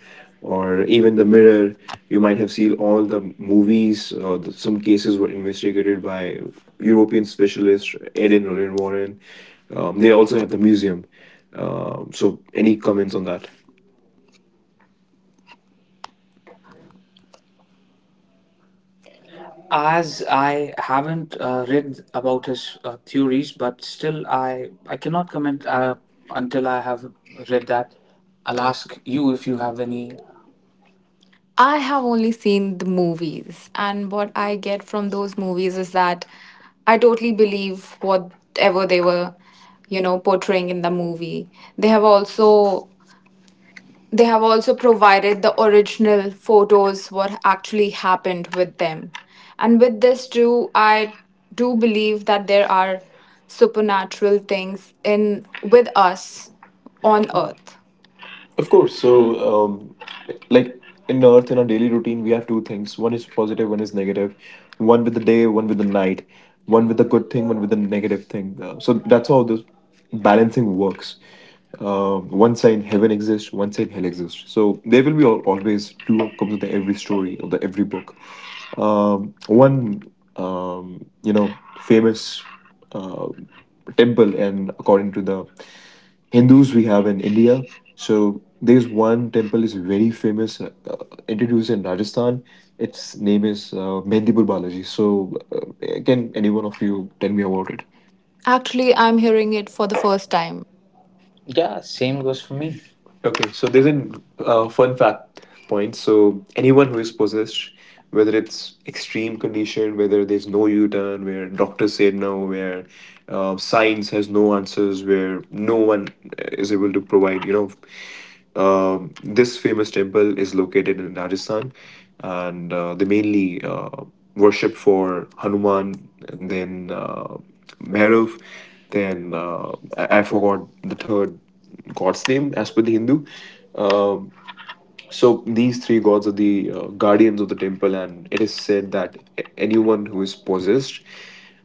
[SPEAKER 1] or
[SPEAKER 3] or even the mirror. You might have seen all the movies some cases were investigated by European specialists Ed and Roland Warren. They also have the museum. So any comments on that?
[SPEAKER 1] as
[SPEAKER 2] As
[SPEAKER 1] I
[SPEAKER 2] I haven't
[SPEAKER 1] haven't
[SPEAKER 2] read
[SPEAKER 1] read
[SPEAKER 2] about
[SPEAKER 1] about his
[SPEAKER 2] his theories,
[SPEAKER 1] theories,
[SPEAKER 2] but
[SPEAKER 1] but
[SPEAKER 2] still
[SPEAKER 1] still
[SPEAKER 2] i
[SPEAKER 1] I
[SPEAKER 2] i
[SPEAKER 1] I
[SPEAKER 2] cannot
[SPEAKER 1] cannot comment
[SPEAKER 2] comment
[SPEAKER 3] Comment,
[SPEAKER 2] until
[SPEAKER 1] until
[SPEAKER 2] I
[SPEAKER 1] I
[SPEAKER 2] have
[SPEAKER 1] have
[SPEAKER 2] read
[SPEAKER 1] read that.
[SPEAKER 2] that. I'll
[SPEAKER 3] I'll
[SPEAKER 1] I'll
[SPEAKER 3] ask
[SPEAKER 1] ask
[SPEAKER 2] ask you
[SPEAKER 3] you
[SPEAKER 2] if
[SPEAKER 1] if
[SPEAKER 3] if
[SPEAKER 2] you
[SPEAKER 1] you
[SPEAKER 3] you have.
[SPEAKER 2] have
[SPEAKER 1] have any.
[SPEAKER 2] any. I have only seen the movies, and what I get from those movies is that I totally believe whatever they were, portraying in the movie. They have also They have also provided the original photos, what actually happened with them. And with this, too, I do believe that there are supernatural things in with us
[SPEAKER 1] On
[SPEAKER 2] on
[SPEAKER 1] Earth.
[SPEAKER 2] Earth.
[SPEAKER 3] Of
[SPEAKER 1] Of
[SPEAKER 3] course,
[SPEAKER 1] course.
[SPEAKER 3] so
[SPEAKER 1] So, um,
[SPEAKER 3] um, like
[SPEAKER 1] like
[SPEAKER 3] in
[SPEAKER 1] in
[SPEAKER 3] Earth,
[SPEAKER 1] Earth,
[SPEAKER 3] in
[SPEAKER 1] in
[SPEAKER 3] our
[SPEAKER 1] our
[SPEAKER 3] daily
[SPEAKER 1] daily
[SPEAKER 3] routine,
[SPEAKER 1] routine,
[SPEAKER 3] we
[SPEAKER 1] we
[SPEAKER 3] have
[SPEAKER 1] have
[SPEAKER 3] two
[SPEAKER 1] two things:
[SPEAKER 3] things: one is positive,
[SPEAKER 1] positive and
[SPEAKER 3] one is negative. One with the day, one with the night, one
[SPEAKER 1] one
[SPEAKER 3] with
[SPEAKER 1] with
[SPEAKER 3] the
[SPEAKER 1] a good
[SPEAKER 3] good thing,
[SPEAKER 1] thing,
[SPEAKER 3] one
[SPEAKER 1] one
[SPEAKER 3] with
[SPEAKER 1] with
[SPEAKER 3] the negative thing. So that's how this balancing
[SPEAKER 1] balancing
[SPEAKER 3] works.
[SPEAKER 1] works. Uh,
[SPEAKER 3] One
[SPEAKER 1] One
[SPEAKER 3] side
[SPEAKER 1] side heaven
[SPEAKER 3] heaven exists, one side hell exists,
[SPEAKER 1] so,
[SPEAKER 3] so there will be always two outcomes of the every
[SPEAKER 1] story.
[SPEAKER 3] story of the every book.
[SPEAKER 1] Uh,
[SPEAKER 3] One
[SPEAKER 1] famous.
[SPEAKER 3] famous uh, temple, and according to the Hindus we have in India.
[SPEAKER 1] So,
[SPEAKER 3] So there's one temple
[SPEAKER 1] temple
[SPEAKER 3] is
[SPEAKER 1] is
[SPEAKER 3] very
[SPEAKER 1] very
[SPEAKER 3] famous, introduced in Rajasthan.
[SPEAKER 1] famous.
[SPEAKER 3] Its name is Mehndipur Balaji. So can any one of you tell me about it?
[SPEAKER 2] Actually, I'm hearing it for the first time. Yeah,
[SPEAKER 1] Yeah,
[SPEAKER 2] same
[SPEAKER 1] same
[SPEAKER 3] Same goes
[SPEAKER 2] goes
[SPEAKER 1] goes for
[SPEAKER 3] for
[SPEAKER 2] for
[SPEAKER 3] me.
[SPEAKER 2] me.
[SPEAKER 1] me. Okay,
[SPEAKER 3] Okay,
[SPEAKER 1] so
[SPEAKER 3] so there's
[SPEAKER 1] there's
[SPEAKER 3] a
[SPEAKER 1] an
[SPEAKER 3] fun
[SPEAKER 1] fun fact.
[SPEAKER 3] fact point. So
[SPEAKER 1] So
[SPEAKER 3] anyone
[SPEAKER 1] anyone
[SPEAKER 3] who
[SPEAKER 1] who
[SPEAKER 3] is
[SPEAKER 1] is,
[SPEAKER 3] possessed, whether
[SPEAKER 1] whether
[SPEAKER 3] it's
[SPEAKER 1] it's
[SPEAKER 3] extreme
[SPEAKER 1] extreme
[SPEAKER 3] condition,
[SPEAKER 1] condition,
[SPEAKER 3] whether
[SPEAKER 1] whether they
[SPEAKER 3] there's no U-turn, where doctors say no, where
[SPEAKER 1] have
[SPEAKER 3] science
[SPEAKER 1] signs,
[SPEAKER 3] has no answers, where no
[SPEAKER 1] no one
[SPEAKER 3] one is
[SPEAKER 1] is able
[SPEAKER 3] able to
[SPEAKER 1] to.
[SPEAKER 3] provide, this
[SPEAKER 1] This
[SPEAKER 3] famous
[SPEAKER 1] famous temple,
[SPEAKER 3] temple is located in Rajasthan, and they
[SPEAKER 1] they mainly
[SPEAKER 3] mainly worship
[SPEAKER 1] worship for
[SPEAKER 3] for
[SPEAKER 1] Hanuman,
[SPEAKER 3] Hanuman,
[SPEAKER 1] and
[SPEAKER 3] and
[SPEAKER 1] then
[SPEAKER 3] then Bhairav,
[SPEAKER 1] Bhairav, then
[SPEAKER 3] then I,
[SPEAKER 1] I
[SPEAKER 3] I
[SPEAKER 1] I
[SPEAKER 3] forgot
[SPEAKER 1] forgot
[SPEAKER 3] the
[SPEAKER 1] the third
[SPEAKER 3] third
[SPEAKER 1] god's
[SPEAKER 3] god's name
[SPEAKER 1] name
[SPEAKER 3] as
[SPEAKER 1] as
[SPEAKER 3] per
[SPEAKER 1] per
[SPEAKER 3] the
[SPEAKER 1] the Hindu.
[SPEAKER 3] Hindu.
[SPEAKER 1] Uh,
[SPEAKER 3] Um, so
[SPEAKER 1] So
[SPEAKER 3] these
[SPEAKER 1] these
[SPEAKER 3] three
[SPEAKER 1] three
[SPEAKER 3] gods
[SPEAKER 1] gods
[SPEAKER 3] are
[SPEAKER 1] are
[SPEAKER 3] the
[SPEAKER 1] the guardians
[SPEAKER 3] guardians of
[SPEAKER 1] of
[SPEAKER 3] the
[SPEAKER 1] the. Tribe.
[SPEAKER 3] temple, and it
[SPEAKER 1] It
[SPEAKER 3] is
[SPEAKER 1] is
[SPEAKER 3] said
[SPEAKER 1] said that
[SPEAKER 3] that anyone who is possessed,
[SPEAKER 1] Moses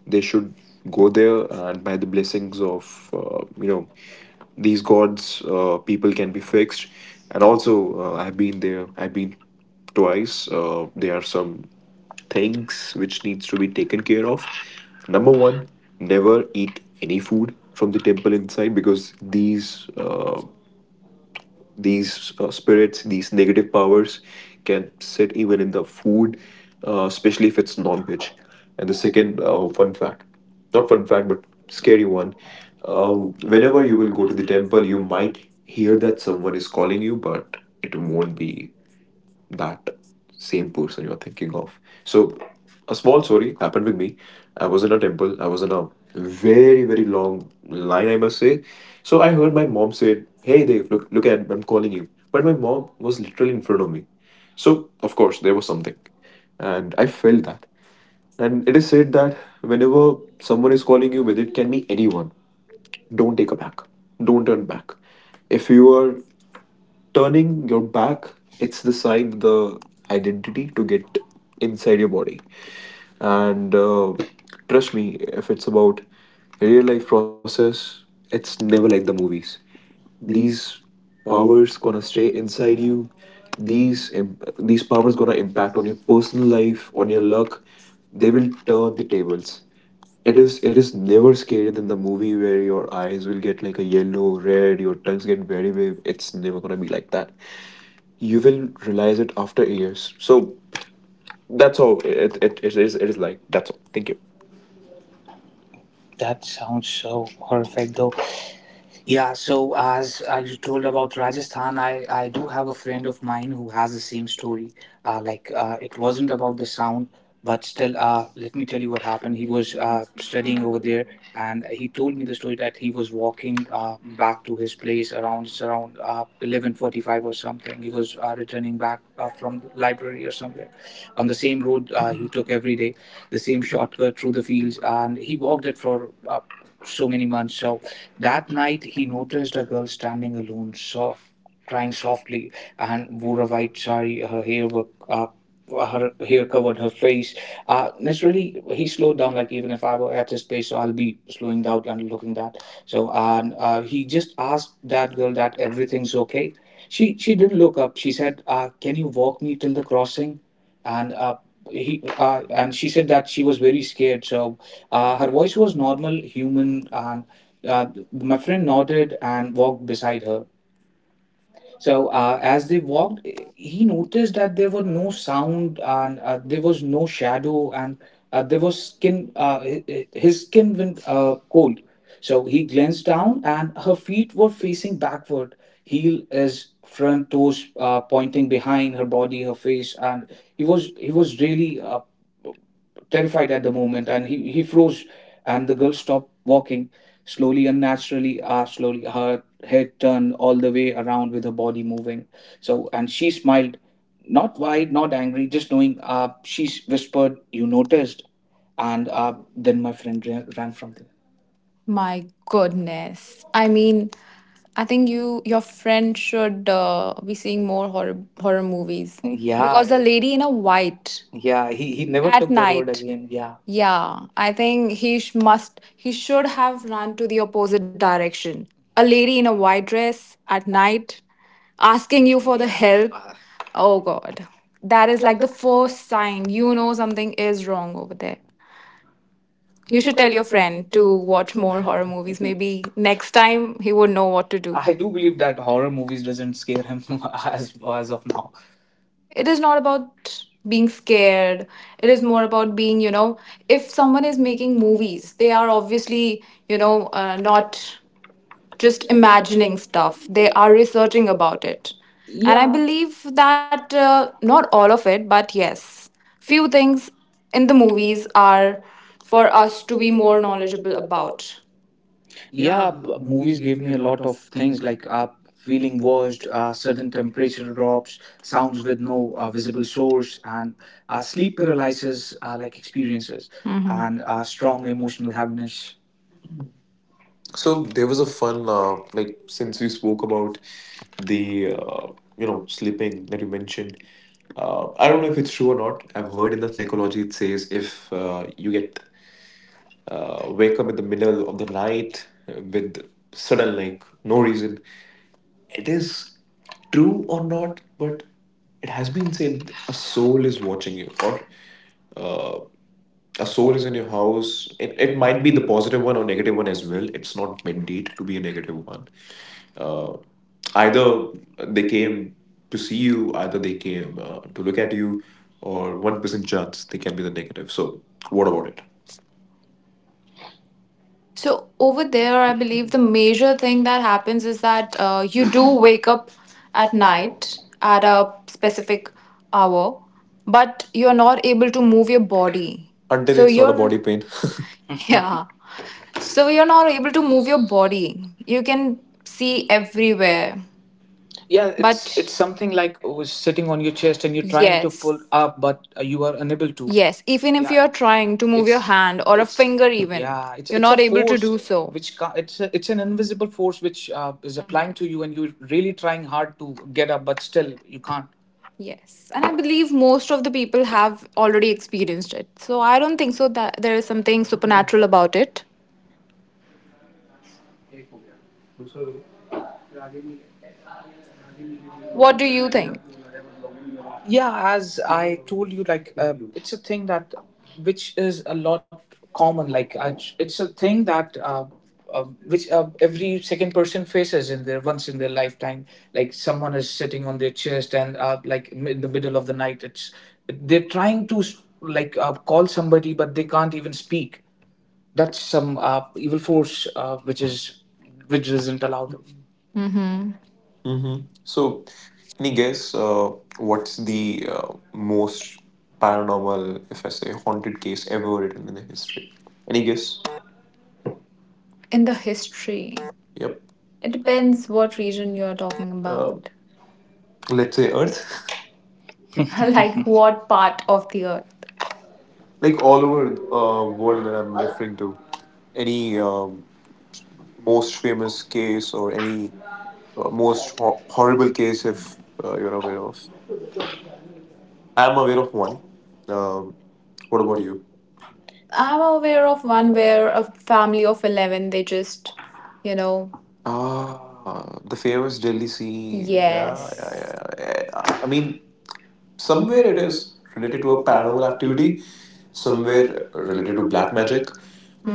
[SPEAKER 3] they
[SPEAKER 1] they
[SPEAKER 3] should go there,
[SPEAKER 1] their
[SPEAKER 3] and by the blessings
[SPEAKER 1] songs
[SPEAKER 3] of
[SPEAKER 1] of
[SPEAKER 3] these
[SPEAKER 1] these
[SPEAKER 3] gods,
[SPEAKER 1] gods uh,
[SPEAKER 3] people can be fixed. And
[SPEAKER 1] also
[SPEAKER 3] also, I've
[SPEAKER 1] have been
[SPEAKER 3] been
[SPEAKER 1] there
[SPEAKER 3] there. I've been twice.
[SPEAKER 1] twice.
[SPEAKER 3] There are
[SPEAKER 1] Uh,
[SPEAKER 3] some
[SPEAKER 1] Thing
[SPEAKER 3] things which needs
[SPEAKER 1] to
[SPEAKER 3] to
[SPEAKER 1] be
[SPEAKER 3] be taken
[SPEAKER 1] taken
[SPEAKER 3] care
[SPEAKER 1] care of.
[SPEAKER 3] of.
[SPEAKER 1] Number
[SPEAKER 3] Number
[SPEAKER 1] one,
[SPEAKER 3] one, never
[SPEAKER 1] never
[SPEAKER 3] eat any
[SPEAKER 1] eat food
[SPEAKER 3] food from
[SPEAKER 1] from the
[SPEAKER 3] the temple
[SPEAKER 1] temple
[SPEAKER 3] inside
[SPEAKER 1] inside
[SPEAKER 3] because
[SPEAKER 1] because these uh,
[SPEAKER 3] these
[SPEAKER 1] these uh,
[SPEAKER 3] spirits,
[SPEAKER 1] these
[SPEAKER 3] these
[SPEAKER 1] negative
[SPEAKER 3] negative powers
[SPEAKER 1] powers can
[SPEAKER 3] can sit even
[SPEAKER 1] even in
[SPEAKER 3] in the
[SPEAKER 1] the
[SPEAKER 3] food,
[SPEAKER 1] food, uh,
[SPEAKER 3] especially if it's non veg.
[SPEAKER 1] knowledge.
[SPEAKER 3] And
[SPEAKER 1] And
[SPEAKER 3] the
[SPEAKER 1] the second
[SPEAKER 3] second fun
[SPEAKER 1] fun fact,
[SPEAKER 3] fact, not
[SPEAKER 1] not
[SPEAKER 3] fun
[SPEAKER 1] fun
[SPEAKER 3] fact,
[SPEAKER 1] fact, but
[SPEAKER 3] but
[SPEAKER 1] scary
[SPEAKER 3] scary
[SPEAKER 1] one.
[SPEAKER 3] one. uh, Whenever
[SPEAKER 1] Whenever
[SPEAKER 3] you
[SPEAKER 1] you
[SPEAKER 3] will
[SPEAKER 1] will
[SPEAKER 3] go to the temple, you might hear
[SPEAKER 1] hear
[SPEAKER 3] that
[SPEAKER 1] that,
[SPEAKER 3] someone is calling you, but it won't be that same
[SPEAKER 1] see.
[SPEAKER 3] person you're thinking of. So,
[SPEAKER 1] So
[SPEAKER 3] a
[SPEAKER 1] a
[SPEAKER 3] small
[SPEAKER 1] small soul,
[SPEAKER 3] story happened with me. I was in a temple, I was in a very,
[SPEAKER 1] very.
[SPEAKER 3] very long line, I must say. So, I heard my mom said, "Hey, Dave, look, look at, I'm calling you." But my mom was literally in front of me. So, of course, there was something. And I felt that. And it is said that whenever someone is calling you, whether it can be anyone, don't take a back, don't turn back.
[SPEAKER 1] If
[SPEAKER 3] If you
[SPEAKER 1] you
[SPEAKER 3] are
[SPEAKER 1] turn
[SPEAKER 3] Turning your back, it's the sign the identity to get
[SPEAKER 1] in
[SPEAKER 3] inside your body. And trust me, if it's about real
[SPEAKER 1] real life
[SPEAKER 3] life process,
[SPEAKER 1] process,
[SPEAKER 3] it's
[SPEAKER 1] it's never
[SPEAKER 3] never
[SPEAKER 1] like
[SPEAKER 3] like the
[SPEAKER 1] the
[SPEAKER 3] movies.
[SPEAKER 1] movies. These
[SPEAKER 3] These
[SPEAKER 1] powers
[SPEAKER 3] powers
[SPEAKER 1] gonna
[SPEAKER 3] gonna stay
[SPEAKER 1] stay
[SPEAKER 3] inside
[SPEAKER 1] inside you.
[SPEAKER 3] you. These
[SPEAKER 1] These
[SPEAKER 3] em- these
[SPEAKER 1] these
[SPEAKER 3] powers
[SPEAKER 1] powers
[SPEAKER 3] gonna
[SPEAKER 1] gonna impact
[SPEAKER 3] impact on
[SPEAKER 1] on
[SPEAKER 3] your
[SPEAKER 1] your
[SPEAKER 3] personal
[SPEAKER 1] personal life,
[SPEAKER 3] life, on
[SPEAKER 1] on
[SPEAKER 3] your
[SPEAKER 1] your luck.
[SPEAKER 3] luck.
[SPEAKER 1] They
[SPEAKER 3] They will
[SPEAKER 1] will turn
[SPEAKER 3] turn the
[SPEAKER 1] the
[SPEAKER 3] tables.
[SPEAKER 1] tables. It
[SPEAKER 3] It is
[SPEAKER 1] is
[SPEAKER 3] it
[SPEAKER 1] it is
[SPEAKER 3] is never scarier
[SPEAKER 1] scarier than
[SPEAKER 3] than
[SPEAKER 1] the
[SPEAKER 3] the
[SPEAKER 1] movie
[SPEAKER 3] movie
[SPEAKER 1] where
[SPEAKER 3] where your
[SPEAKER 1] your eyes
[SPEAKER 3] eyes will get like a yellow,
[SPEAKER 1] are red,
[SPEAKER 3] red, your tongues get very big. It's never gonna be like that. You will
[SPEAKER 1] you realize
[SPEAKER 3] realize
[SPEAKER 1] it
[SPEAKER 3] it
[SPEAKER 1] after
[SPEAKER 3] after years.
[SPEAKER 1] years. So
[SPEAKER 3] So that's all. It
[SPEAKER 1] it,
[SPEAKER 3] it, it
[SPEAKER 1] it
[SPEAKER 3] is
[SPEAKER 1] is like
[SPEAKER 3] like that's all. Thank you.
[SPEAKER 1] that
[SPEAKER 2] That sounds
[SPEAKER 1] sounds so
[SPEAKER 2] so perfect,
[SPEAKER 1] horrific,
[SPEAKER 2] though.
[SPEAKER 1] though.
[SPEAKER 2] Yeah,
[SPEAKER 1] Yeah,
[SPEAKER 2] so
[SPEAKER 1] so
[SPEAKER 2] as
[SPEAKER 1] as
[SPEAKER 2] you
[SPEAKER 1] you
[SPEAKER 2] told
[SPEAKER 1] told
[SPEAKER 2] about
[SPEAKER 1] about
[SPEAKER 2] Rajasthan,
[SPEAKER 1] Rajasthan,
[SPEAKER 2] I, I
[SPEAKER 1] I
[SPEAKER 2] do
[SPEAKER 1] do
[SPEAKER 2] have
[SPEAKER 1] have
[SPEAKER 2] a
[SPEAKER 1] a
[SPEAKER 2] friend
[SPEAKER 1] friend
[SPEAKER 2] of
[SPEAKER 1] of
[SPEAKER 2] mine
[SPEAKER 1] mine
[SPEAKER 2] who
[SPEAKER 1] who
[SPEAKER 2] has the
[SPEAKER 1] has
[SPEAKER 2] same
[SPEAKER 1] same story.
[SPEAKER 2] story. Like
[SPEAKER 1] Like
[SPEAKER 2] it
[SPEAKER 1] it
[SPEAKER 2] wasn't
[SPEAKER 1] wasn't
[SPEAKER 2] about
[SPEAKER 1] about
[SPEAKER 2] the
[SPEAKER 1] the sound,
[SPEAKER 2] sound, but
[SPEAKER 1] but
[SPEAKER 2] still,
[SPEAKER 1] still,
[SPEAKER 2] let
[SPEAKER 1] let
[SPEAKER 2] me
[SPEAKER 1] me
[SPEAKER 2] tell
[SPEAKER 1] tell
[SPEAKER 2] you
[SPEAKER 1] you
[SPEAKER 2] what
[SPEAKER 1] what
[SPEAKER 2] happened
[SPEAKER 1] happened. He was studying
[SPEAKER 2] studying over
[SPEAKER 1] over there,
[SPEAKER 2] there. And
[SPEAKER 1] and
[SPEAKER 2] he
[SPEAKER 1] he told
[SPEAKER 2] told me
[SPEAKER 1] me
[SPEAKER 2] the
[SPEAKER 1] the
[SPEAKER 2] story
[SPEAKER 1] story
[SPEAKER 2] that
[SPEAKER 1] that
[SPEAKER 2] he
[SPEAKER 1] he was
[SPEAKER 2] was
[SPEAKER 1] walking
[SPEAKER 2] walking
[SPEAKER 1] back
[SPEAKER 2] back to
[SPEAKER 1] to
[SPEAKER 2] his
[SPEAKER 1] his
[SPEAKER 2] place,
[SPEAKER 1] place
[SPEAKER 2] around
[SPEAKER 1] around
[SPEAKER 2] it's
[SPEAKER 1] it's
[SPEAKER 2] around
[SPEAKER 1] around 11:45
[SPEAKER 2] 11:45 or
[SPEAKER 1] or
[SPEAKER 2] something.
[SPEAKER 1] something.
[SPEAKER 2] He
[SPEAKER 1] He
[SPEAKER 2] was
[SPEAKER 1] was
[SPEAKER 2] returning
[SPEAKER 1] returning back
[SPEAKER 2] back
[SPEAKER 1] from
[SPEAKER 2] from
[SPEAKER 1] the
[SPEAKER 2] library
[SPEAKER 1] library
[SPEAKER 2] or
[SPEAKER 1] or
[SPEAKER 2] something
[SPEAKER 1] somewhere
[SPEAKER 2] on
[SPEAKER 1] on
[SPEAKER 2] the
[SPEAKER 1] the
[SPEAKER 2] same
[SPEAKER 1] same
[SPEAKER 2] road
[SPEAKER 1] road
[SPEAKER 2] he
[SPEAKER 1] he
[SPEAKER 2] took
[SPEAKER 1] took
[SPEAKER 2] every
[SPEAKER 1] every
[SPEAKER 2] day,
[SPEAKER 1] day,
[SPEAKER 2] the
[SPEAKER 1] the
[SPEAKER 2] same
[SPEAKER 1] same
[SPEAKER 2] shortcut
[SPEAKER 1] shortcut
[SPEAKER 2] through
[SPEAKER 1] through
[SPEAKER 2] the
[SPEAKER 1] the
[SPEAKER 2] fields,
[SPEAKER 1] fields,
[SPEAKER 2] and
[SPEAKER 1] and
[SPEAKER 2] he
[SPEAKER 1] he
[SPEAKER 2] walked
[SPEAKER 1] walked
[SPEAKER 2] it
[SPEAKER 1] it
[SPEAKER 2] for
[SPEAKER 1] for.
[SPEAKER 2] so
[SPEAKER 1] So
[SPEAKER 2] many
[SPEAKER 1] many
[SPEAKER 2] months.
[SPEAKER 1] months
[SPEAKER 2] So
[SPEAKER 1] so
[SPEAKER 2] that
[SPEAKER 1] that
[SPEAKER 2] night
[SPEAKER 1] night
[SPEAKER 2] he
[SPEAKER 1] he
[SPEAKER 2] noticed
[SPEAKER 1] noticed
[SPEAKER 2] a
[SPEAKER 1] a
[SPEAKER 2] girl
[SPEAKER 1] girl
[SPEAKER 2] standing alone, so,
[SPEAKER 1] soft,
[SPEAKER 2] crying
[SPEAKER 1] crying
[SPEAKER 2] softly,
[SPEAKER 1] softly,
[SPEAKER 2] and
[SPEAKER 1] and
[SPEAKER 2] wore
[SPEAKER 1] wore
[SPEAKER 2] a
[SPEAKER 1] a
[SPEAKER 2] white
[SPEAKER 1] white
[SPEAKER 2] sari.
[SPEAKER 1] sari. Her hair were, uh,
[SPEAKER 2] Her
[SPEAKER 1] her
[SPEAKER 2] hair
[SPEAKER 1] hair
[SPEAKER 2] covered
[SPEAKER 1] covered
[SPEAKER 2] her
[SPEAKER 1] her
[SPEAKER 2] face.
[SPEAKER 1] face. Uh,
[SPEAKER 2] Naturally, he slowed down. Like, even if
[SPEAKER 1] if
[SPEAKER 2] I
[SPEAKER 1] I
[SPEAKER 2] were
[SPEAKER 1] were
[SPEAKER 2] at
[SPEAKER 1] at
[SPEAKER 2] his
[SPEAKER 1] his
[SPEAKER 2] pace,
[SPEAKER 1] place,
[SPEAKER 2] so
[SPEAKER 1] so
[SPEAKER 2] I'll
[SPEAKER 1] I'll
[SPEAKER 2] be
[SPEAKER 1] be
[SPEAKER 2] slowing
[SPEAKER 1] going
[SPEAKER 2] down
[SPEAKER 1] out like
[SPEAKER 2] and looking
[SPEAKER 1] that.
[SPEAKER 2] that.
[SPEAKER 1] So
[SPEAKER 2] So and he
[SPEAKER 1] he
[SPEAKER 2] just
[SPEAKER 1] just
[SPEAKER 2] asked
[SPEAKER 1] asked
[SPEAKER 2] that
[SPEAKER 1] that
[SPEAKER 2] girl
[SPEAKER 1] girl
[SPEAKER 2] that
[SPEAKER 1] that
[SPEAKER 2] everything's
[SPEAKER 1] everything's
[SPEAKER 2] okay.
[SPEAKER 1] okay.
[SPEAKER 2] She
[SPEAKER 1] She
[SPEAKER 2] she
[SPEAKER 1] she
[SPEAKER 2] didn't
[SPEAKER 1] didn't. Look,
[SPEAKER 2] look up. She said,
[SPEAKER 1] at,
[SPEAKER 2] "Can
[SPEAKER 1] can
[SPEAKER 2] you
[SPEAKER 1] you
[SPEAKER 2] walk
[SPEAKER 1] walk
[SPEAKER 2] me
[SPEAKER 1] me
[SPEAKER 2] till the
[SPEAKER 1] across?
[SPEAKER 2] crossing?" And
[SPEAKER 1] And
[SPEAKER 2] he
[SPEAKER 1] he
[SPEAKER 2] and
[SPEAKER 1] and
[SPEAKER 2] she said that she
[SPEAKER 1] she
[SPEAKER 2] was
[SPEAKER 1] was with
[SPEAKER 2] very scared.
[SPEAKER 1] it,
[SPEAKER 2] So
[SPEAKER 1] so
[SPEAKER 2] her
[SPEAKER 1] her
[SPEAKER 2] voice
[SPEAKER 1] voice
[SPEAKER 2] was normal, human, and
[SPEAKER 1] and
[SPEAKER 2] uh,
[SPEAKER 1] uh,
[SPEAKER 2] my friend
[SPEAKER 1] nodded
[SPEAKER 2] nodded
[SPEAKER 1] and
[SPEAKER 2] and walked beside
[SPEAKER 1] beside
[SPEAKER 2] her.
[SPEAKER 1] her.
[SPEAKER 2] So
[SPEAKER 1] So
[SPEAKER 2] as
[SPEAKER 1] as
[SPEAKER 2] they walked, he noticed that there were no sound,
[SPEAKER 1] and
[SPEAKER 2] and there was no
[SPEAKER 1] shadow.
[SPEAKER 2] shadow, and there was skin.
[SPEAKER 1] Uh,
[SPEAKER 2] Hi- hi- his skin went
[SPEAKER 1] uh,
[SPEAKER 2] cold. So he glanced down,
[SPEAKER 1] Down
[SPEAKER 2] and
[SPEAKER 1] and
[SPEAKER 2] her
[SPEAKER 1] her feet
[SPEAKER 2] feet were
[SPEAKER 1] were
[SPEAKER 2] facing
[SPEAKER 1] facing backward,
[SPEAKER 2] backward. Heel is front,
[SPEAKER 1] front toes
[SPEAKER 2] toes pointing
[SPEAKER 1] pointing behind,
[SPEAKER 2] behind her body, her face,
[SPEAKER 1] and
[SPEAKER 2] and he was really
[SPEAKER 1] he,
[SPEAKER 2] terrified at the moment,
[SPEAKER 1] moment
[SPEAKER 2] and
[SPEAKER 1] and
[SPEAKER 2] he,
[SPEAKER 1] he
[SPEAKER 2] he froze, and
[SPEAKER 1] and
[SPEAKER 2] the
[SPEAKER 1] the girl
[SPEAKER 2] girl stopped
[SPEAKER 1] stopped.
[SPEAKER 2] walking. Slowly and naturally,
[SPEAKER 1] She slowly
[SPEAKER 2] slowly
[SPEAKER 1] her
[SPEAKER 2] her head turned all
[SPEAKER 1] all
[SPEAKER 2] the
[SPEAKER 1] the
[SPEAKER 2] way
[SPEAKER 1] way
[SPEAKER 2] around,
[SPEAKER 1] around.
[SPEAKER 2] with her body moving.
[SPEAKER 1] So
[SPEAKER 2] So, and
[SPEAKER 1] and she
[SPEAKER 2] she
[SPEAKER 1] smiled,
[SPEAKER 2] smiled,
[SPEAKER 1] not
[SPEAKER 2] not wide,
[SPEAKER 1] wide,
[SPEAKER 2] not
[SPEAKER 1] not
[SPEAKER 2] angry,
[SPEAKER 1] angry.
[SPEAKER 2] just knowing. She
[SPEAKER 1] She's
[SPEAKER 2] whispered, "You noticed." And
[SPEAKER 1] and
[SPEAKER 2] then my friend ran from there. My goodness. I mean, I think your friend should be seeing more horror movies. Yeah,
[SPEAKER 1] yeah,
[SPEAKER 2] because a lady in a white, yeah.
[SPEAKER 1] yeah.
[SPEAKER 2] He he
[SPEAKER 1] He
[SPEAKER 2] never
[SPEAKER 1] never at
[SPEAKER 2] at took the
[SPEAKER 1] took
[SPEAKER 2] word
[SPEAKER 1] the road night.
[SPEAKER 2] night. Again.
[SPEAKER 1] Again.
[SPEAKER 2] Yeah.
[SPEAKER 1] Yeah.
[SPEAKER 2] Yeah, I think he must he should have run to the
[SPEAKER 1] The
[SPEAKER 2] opposite
[SPEAKER 1] direction.
[SPEAKER 2] direction. A
[SPEAKER 1] A
[SPEAKER 2] lady
[SPEAKER 1] lady
[SPEAKER 2] in
[SPEAKER 1] in
[SPEAKER 2] a
[SPEAKER 1] a
[SPEAKER 2] white
[SPEAKER 1] white dress
[SPEAKER 2] dress at
[SPEAKER 1] at night
[SPEAKER 2] night asking
[SPEAKER 1] asking you.
[SPEAKER 2] you for the help. Oh God. That
[SPEAKER 1] That
[SPEAKER 3] That
[SPEAKER 1] is
[SPEAKER 3] is
[SPEAKER 2] is
[SPEAKER 3] like
[SPEAKER 2] like
[SPEAKER 1] like the
[SPEAKER 2] the
[SPEAKER 3] the.
[SPEAKER 1] first
[SPEAKER 2] first
[SPEAKER 1] sign
[SPEAKER 2] sign
[SPEAKER 1] you
[SPEAKER 2] you
[SPEAKER 1] know
[SPEAKER 2] know something
[SPEAKER 1] something
[SPEAKER 2] is
[SPEAKER 1] is wrong
[SPEAKER 2] wrong
[SPEAKER 1] over
[SPEAKER 2] over
[SPEAKER 1] there.
[SPEAKER 2] there.
[SPEAKER 1] You
[SPEAKER 2] You
[SPEAKER 3] You should
[SPEAKER 1] should
[SPEAKER 2] should
[SPEAKER 3] tell
[SPEAKER 1] tell
[SPEAKER 2] tell
[SPEAKER 1] your
[SPEAKER 2] your
[SPEAKER 3] your
[SPEAKER 1] friend
[SPEAKER 2] friend
[SPEAKER 3] friend to
[SPEAKER 2] to
[SPEAKER 1] to watch
[SPEAKER 2] watch
[SPEAKER 3] watch
[SPEAKER 1] more.
[SPEAKER 3] more
[SPEAKER 2] more
[SPEAKER 3] horror
[SPEAKER 2] horror
[SPEAKER 3] movies.
[SPEAKER 2] movies. Maybe next time he would know what to do.
[SPEAKER 1] I
[SPEAKER 2] I
[SPEAKER 1] do
[SPEAKER 2] do
[SPEAKER 1] believe
[SPEAKER 2] believe that
[SPEAKER 1] that horror
[SPEAKER 2] horror
[SPEAKER 1] movies
[SPEAKER 2] movies
[SPEAKER 1] doesn't
[SPEAKER 2] doesn't
[SPEAKER 1] scare
[SPEAKER 2] scare
[SPEAKER 1] him
[SPEAKER 2] him as
[SPEAKER 1] as
[SPEAKER 2] as
[SPEAKER 1] of
[SPEAKER 2] of
[SPEAKER 1] now.
[SPEAKER 2] now. It is not about being scared. It is more about being, if someone is making movies, they are obviously, not
[SPEAKER 1] Just
[SPEAKER 2] just imagining stuff. They are
[SPEAKER 1] researching
[SPEAKER 2] researching
[SPEAKER 1] about
[SPEAKER 2] about
[SPEAKER 1] it.
[SPEAKER 2] it. And I,
[SPEAKER 1] Yeah.
[SPEAKER 2] yeah,
[SPEAKER 1] I believe
[SPEAKER 2] believe that
[SPEAKER 1] that
[SPEAKER 2] not
[SPEAKER 1] not
[SPEAKER 2] all
[SPEAKER 1] all
[SPEAKER 2] of
[SPEAKER 1] of
[SPEAKER 2] it,
[SPEAKER 1] it,
[SPEAKER 2] but
[SPEAKER 1] but
[SPEAKER 2] yes,
[SPEAKER 1] yes,
[SPEAKER 2] few
[SPEAKER 1] few
[SPEAKER 2] things
[SPEAKER 1] things
[SPEAKER 2] in the movies are for us to be more knowledgeable
[SPEAKER 1] about.
[SPEAKER 2] about. Yeah,
[SPEAKER 1] Yeah, b-
[SPEAKER 2] movies
[SPEAKER 1] movies
[SPEAKER 2] gave
[SPEAKER 1] give
[SPEAKER 2] me a
[SPEAKER 1] me a
[SPEAKER 2] lot
[SPEAKER 1] lot
[SPEAKER 2] of
[SPEAKER 1] of
[SPEAKER 2] things
[SPEAKER 1] things
[SPEAKER 2] like
[SPEAKER 1] like
[SPEAKER 2] feeling
[SPEAKER 1] feeling
[SPEAKER 2] washed,
[SPEAKER 1] washed,
[SPEAKER 2] sudden
[SPEAKER 1] sudden
[SPEAKER 2] temperature
[SPEAKER 1] temperature drops,
[SPEAKER 2] drops, sounds
[SPEAKER 1] sounds
[SPEAKER 2] with
[SPEAKER 1] with
[SPEAKER 2] no
[SPEAKER 1] no
[SPEAKER 2] visible
[SPEAKER 1] visible
[SPEAKER 2] source,
[SPEAKER 1] source, and
[SPEAKER 2] and sleep
[SPEAKER 1] sleep
[SPEAKER 2] paralysis
[SPEAKER 1] paralysis
[SPEAKER 2] like
[SPEAKER 1] like
[SPEAKER 2] experiences,
[SPEAKER 1] experiences,
[SPEAKER 2] and
[SPEAKER 1] and
[SPEAKER 2] strong
[SPEAKER 1] strong
[SPEAKER 2] emotional
[SPEAKER 1] emotional
[SPEAKER 2] heaviness.
[SPEAKER 1] heaviness.
[SPEAKER 3] So there was a fun like since we spoke about the sleeping that you mentioned. I don't know if it's true or not. I've heard in the psychology it says if you get wake up in the middle of the night with sudden like no reason, it is true or not. But. It has been said a soul is watching you, or uh, a soul is in your house. It might be the positive one or negative one as well. It's not mandate to be a negative one. uh, Either they came to see you, either they came to look at you, or 1% chance they can be the negative. So what about it?
[SPEAKER 1] So
[SPEAKER 2] So over
[SPEAKER 1] over there,
[SPEAKER 2] there, I
[SPEAKER 1] I believe.
[SPEAKER 2] believe the major thing that happens is that you do wake up at night at a specific hour, but you're not able to move your body.
[SPEAKER 3] Until
[SPEAKER 2] So
[SPEAKER 3] it's not a
[SPEAKER 2] you're,
[SPEAKER 3] body pain
[SPEAKER 2] yeah.
[SPEAKER 1] So,
[SPEAKER 2] So you're not able to move your body. You can see everywhere.
[SPEAKER 1] yeah,
[SPEAKER 2] Yeah, it's
[SPEAKER 1] it's
[SPEAKER 2] But
[SPEAKER 1] but- it's
[SPEAKER 2] it's something
[SPEAKER 1] something
[SPEAKER 2] like,
[SPEAKER 1] like
[SPEAKER 2] oh,
[SPEAKER 1] oh, sitting
[SPEAKER 2] sitting on
[SPEAKER 1] on your
[SPEAKER 2] your
[SPEAKER 1] chest
[SPEAKER 2] chest and
[SPEAKER 1] and
[SPEAKER 2] you're
[SPEAKER 1] you
[SPEAKER 2] trying to pull,
[SPEAKER 1] try to
[SPEAKER 2] yes,
[SPEAKER 1] pull
[SPEAKER 2] up,
[SPEAKER 1] up,
[SPEAKER 2] but
[SPEAKER 1] but you
[SPEAKER 2] you are
[SPEAKER 1] are unable.
[SPEAKER 2] unable to. Yes, even if, yeah, you're trying to move, it's, your hand or a, it's, finger, even, yeah,
[SPEAKER 1] Yeah,
[SPEAKER 2] it's, you're, it's a, not able to force, do so.
[SPEAKER 1] it's ca-
[SPEAKER 2] It's
[SPEAKER 1] it's,
[SPEAKER 2] a,
[SPEAKER 1] a,
[SPEAKER 2] it's
[SPEAKER 1] it's
[SPEAKER 2] an
[SPEAKER 1] an
[SPEAKER 2] invisible
[SPEAKER 1] invisible
[SPEAKER 2] force
[SPEAKER 1] force
[SPEAKER 2] which
[SPEAKER 1] which
[SPEAKER 2] is
[SPEAKER 1] is
[SPEAKER 2] applying
[SPEAKER 1] applying
[SPEAKER 2] Mhm. to
[SPEAKER 1] to
[SPEAKER 2] you,
[SPEAKER 1] you,
[SPEAKER 2] and
[SPEAKER 1] and you're
[SPEAKER 2] you're really
[SPEAKER 1] really trying
[SPEAKER 2] trying
[SPEAKER 1] hard
[SPEAKER 2] hard to
[SPEAKER 1] to get
[SPEAKER 2] get up,
[SPEAKER 1] up,
[SPEAKER 2] but
[SPEAKER 1] but still
[SPEAKER 2] still
[SPEAKER 1] you
[SPEAKER 2] you
[SPEAKER 1] can't.
[SPEAKER 2] can't. Yes, and I believe most of the people have already experienced it. So I don't think so that there is something supernatural about it. What
[SPEAKER 1] What?
[SPEAKER 2] do you think? Yeah,
[SPEAKER 1] Yeah,
[SPEAKER 2] as
[SPEAKER 1] as I
[SPEAKER 2] I told
[SPEAKER 1] told you,
[SPEAKER 2] you,
[SPEAKER 1] like
[SPEAKER 2] it's
[SPEAKER 1] it's
[SPEAKER 2] a
[SPEAKER 1] a thing
[SPEAKER 2] thing that
[SPEAKER 1] that
[SPEAKER 2] which
[SPEAKER 1] which is
[SPEAKER 2] is
[SPEAKER 1] a
[SPEAKER 2] a lot
[SPEAKER 1] lot common
[SPEAKER 2] common.
[SPEAKER 1] like
[SPEAKER 2] Like
[SPEAKER 1] I,
[SPEAKER 2] it's
[SPEAKER 1] it's a
[SPEAKER 2] a
[SPEAKER 1] thing
[SPEAKER 2] thing
[SPEAKER 1] that
[SPEAKER 2] that uh, which
[SPEAKER 1] which
[SPEAKER 2] every second person faces in their once in their lifetime. Like someone is sitting on their
[SPEAKER 1] chest
[SPEAKER 2] chest
[SPEAKER 1] and
[SPEAKER 2] and in the middle of the night, it's they're
[SPEAKER 1] they're
[SPEAKER 2] trying
[SPEAKER 1] trying
[SPEAKER 2] to
[SPEAKER 1] to
[SPEAKER 2] s- like
[SPEAKER 1] like call
[SPEAKER 2] call
[SPEAKER 1] they
[SPEAKER 2] somebody, but they can't
[SPEAKER 1] can't even
[SPEAKER 2] even speak. That's
[SPEAKER 1] some
[SPEAKER 2] some
[SPEAKER 1] evil
[SPEAKER 2] evil force
[SPEAKER 1] force
[SPEAKER 2] which
[SPEAKER 1] which
[SPEAKER 2] is
[SPEAKER 1] is which
[SPEAKER 2] which
[SPEAKER 1] doesn't
[SPEAKER 2] isn't
[SPEAKER 1] allow
[SPEAKER 2] allowed.
[SPEAKER 1] them
[SPEAKER 2] Mm-hmm.
[SPEAKER 3] Mm-hmm. So, any guess what's the most paranormal, if I say, haunted case ever written in the history? Any guess?
[SPEAKER 2] In
[SPEAKER 1] in
[SPEAKER 2] the
[SPEAKER 1] the history.
[SPEAKER 2] history,
[SPEAKER 3] Yep. It
[SPEAKER 2] it
[SPEAKER 1] It
[SPEAKER 3] depends
[SPEAKER 2] depends
[SPEAKER 1] depends
[SPEAKER 3] what
[SPEAKER 2] what
[SPEAKER 1] what
[SPEAKER 3] region
[SPEAKER 2] region
[SPEAKER 1] region
[SPEAKER 3] you
[SPEAKER 2] you
[SPEAKER 1] you
[SPEAKER 2] are
[SPEAKER 3] are
[SPEAKER 1] are talking
[SPEAKER 2] talking
[SPEAKER 3] talking about.
[SPEAKER 1] about,
[SPEAKER 2] about.
[SPEAKER 3] Let's say Earth,
[SPEAKER 2] Like
[SPEAKER 1] like
[SPEAKER 2] what
[SPEAKER 1] what
[SPEAKER 2] part
[SPEAKER 1] part
[SPEAKER 2] of
[SPEAKER 1] of
[SPEAKER 2] the earth?
[SPEAKER 1] the
[SPEAKER 3] like all over world that I'm referring to. Any most famous case or any most horrible case, if you're aware of. I am aware of
[SPEAKER 1] earth.
[SPEAKER 3] one. Um, what
[SPEAKER 1] What
[SPEAKER 3] about
[SPEAKER 1] about you?
[SPEAKER 3] you?
[SPEAKER 2] I'm
[SPEAKER 3] I.
[SPEAKER 2] aware of one where a family of 11, they just, you know.
[SPEAKER 3] Ah,
[SPEAKER 1] Ah,
[SPEAKER 3] the
[SPEAKER 2] The fear
[SPEAKER 3] famous
[SPEAKER 2] was really seen.
[SPEAKER 3] jealousy. Yeah, yeah,
[SPEAKER 2] Yes.
[SPEAKER 3] yeah, yeah. I mean, somewhere
[SPEAKER 1] somewhere
[SPEAKER 3] it
[SPEAKER 1] it
[SPEAKER 3] is
[SPEAKER 1] is
[SPEAKER 3] related
[SPEAKER 1] related
[SPEAKER 3] to
[SPEAKER 1] to
[SPEAKER 3] a
[SPEAKER 1] a
[SPEAKER 3] paranormal
[SPEAKER 1] paranormal
[SPEAKER 3] activity,
[SPEAKER 1] activity,
[SPEAKER 3] somewhere
[SPEAKER 1] somewhere
[SPEAKER 3] related
[SPEAKER 1] related
[SPEAKER 3] to
[SPEAKER 1] to
[SPEAKER 3] black
[SPEAKER 1] black
[SPEAKER 3] magic.
[SPEAKER 1] magic.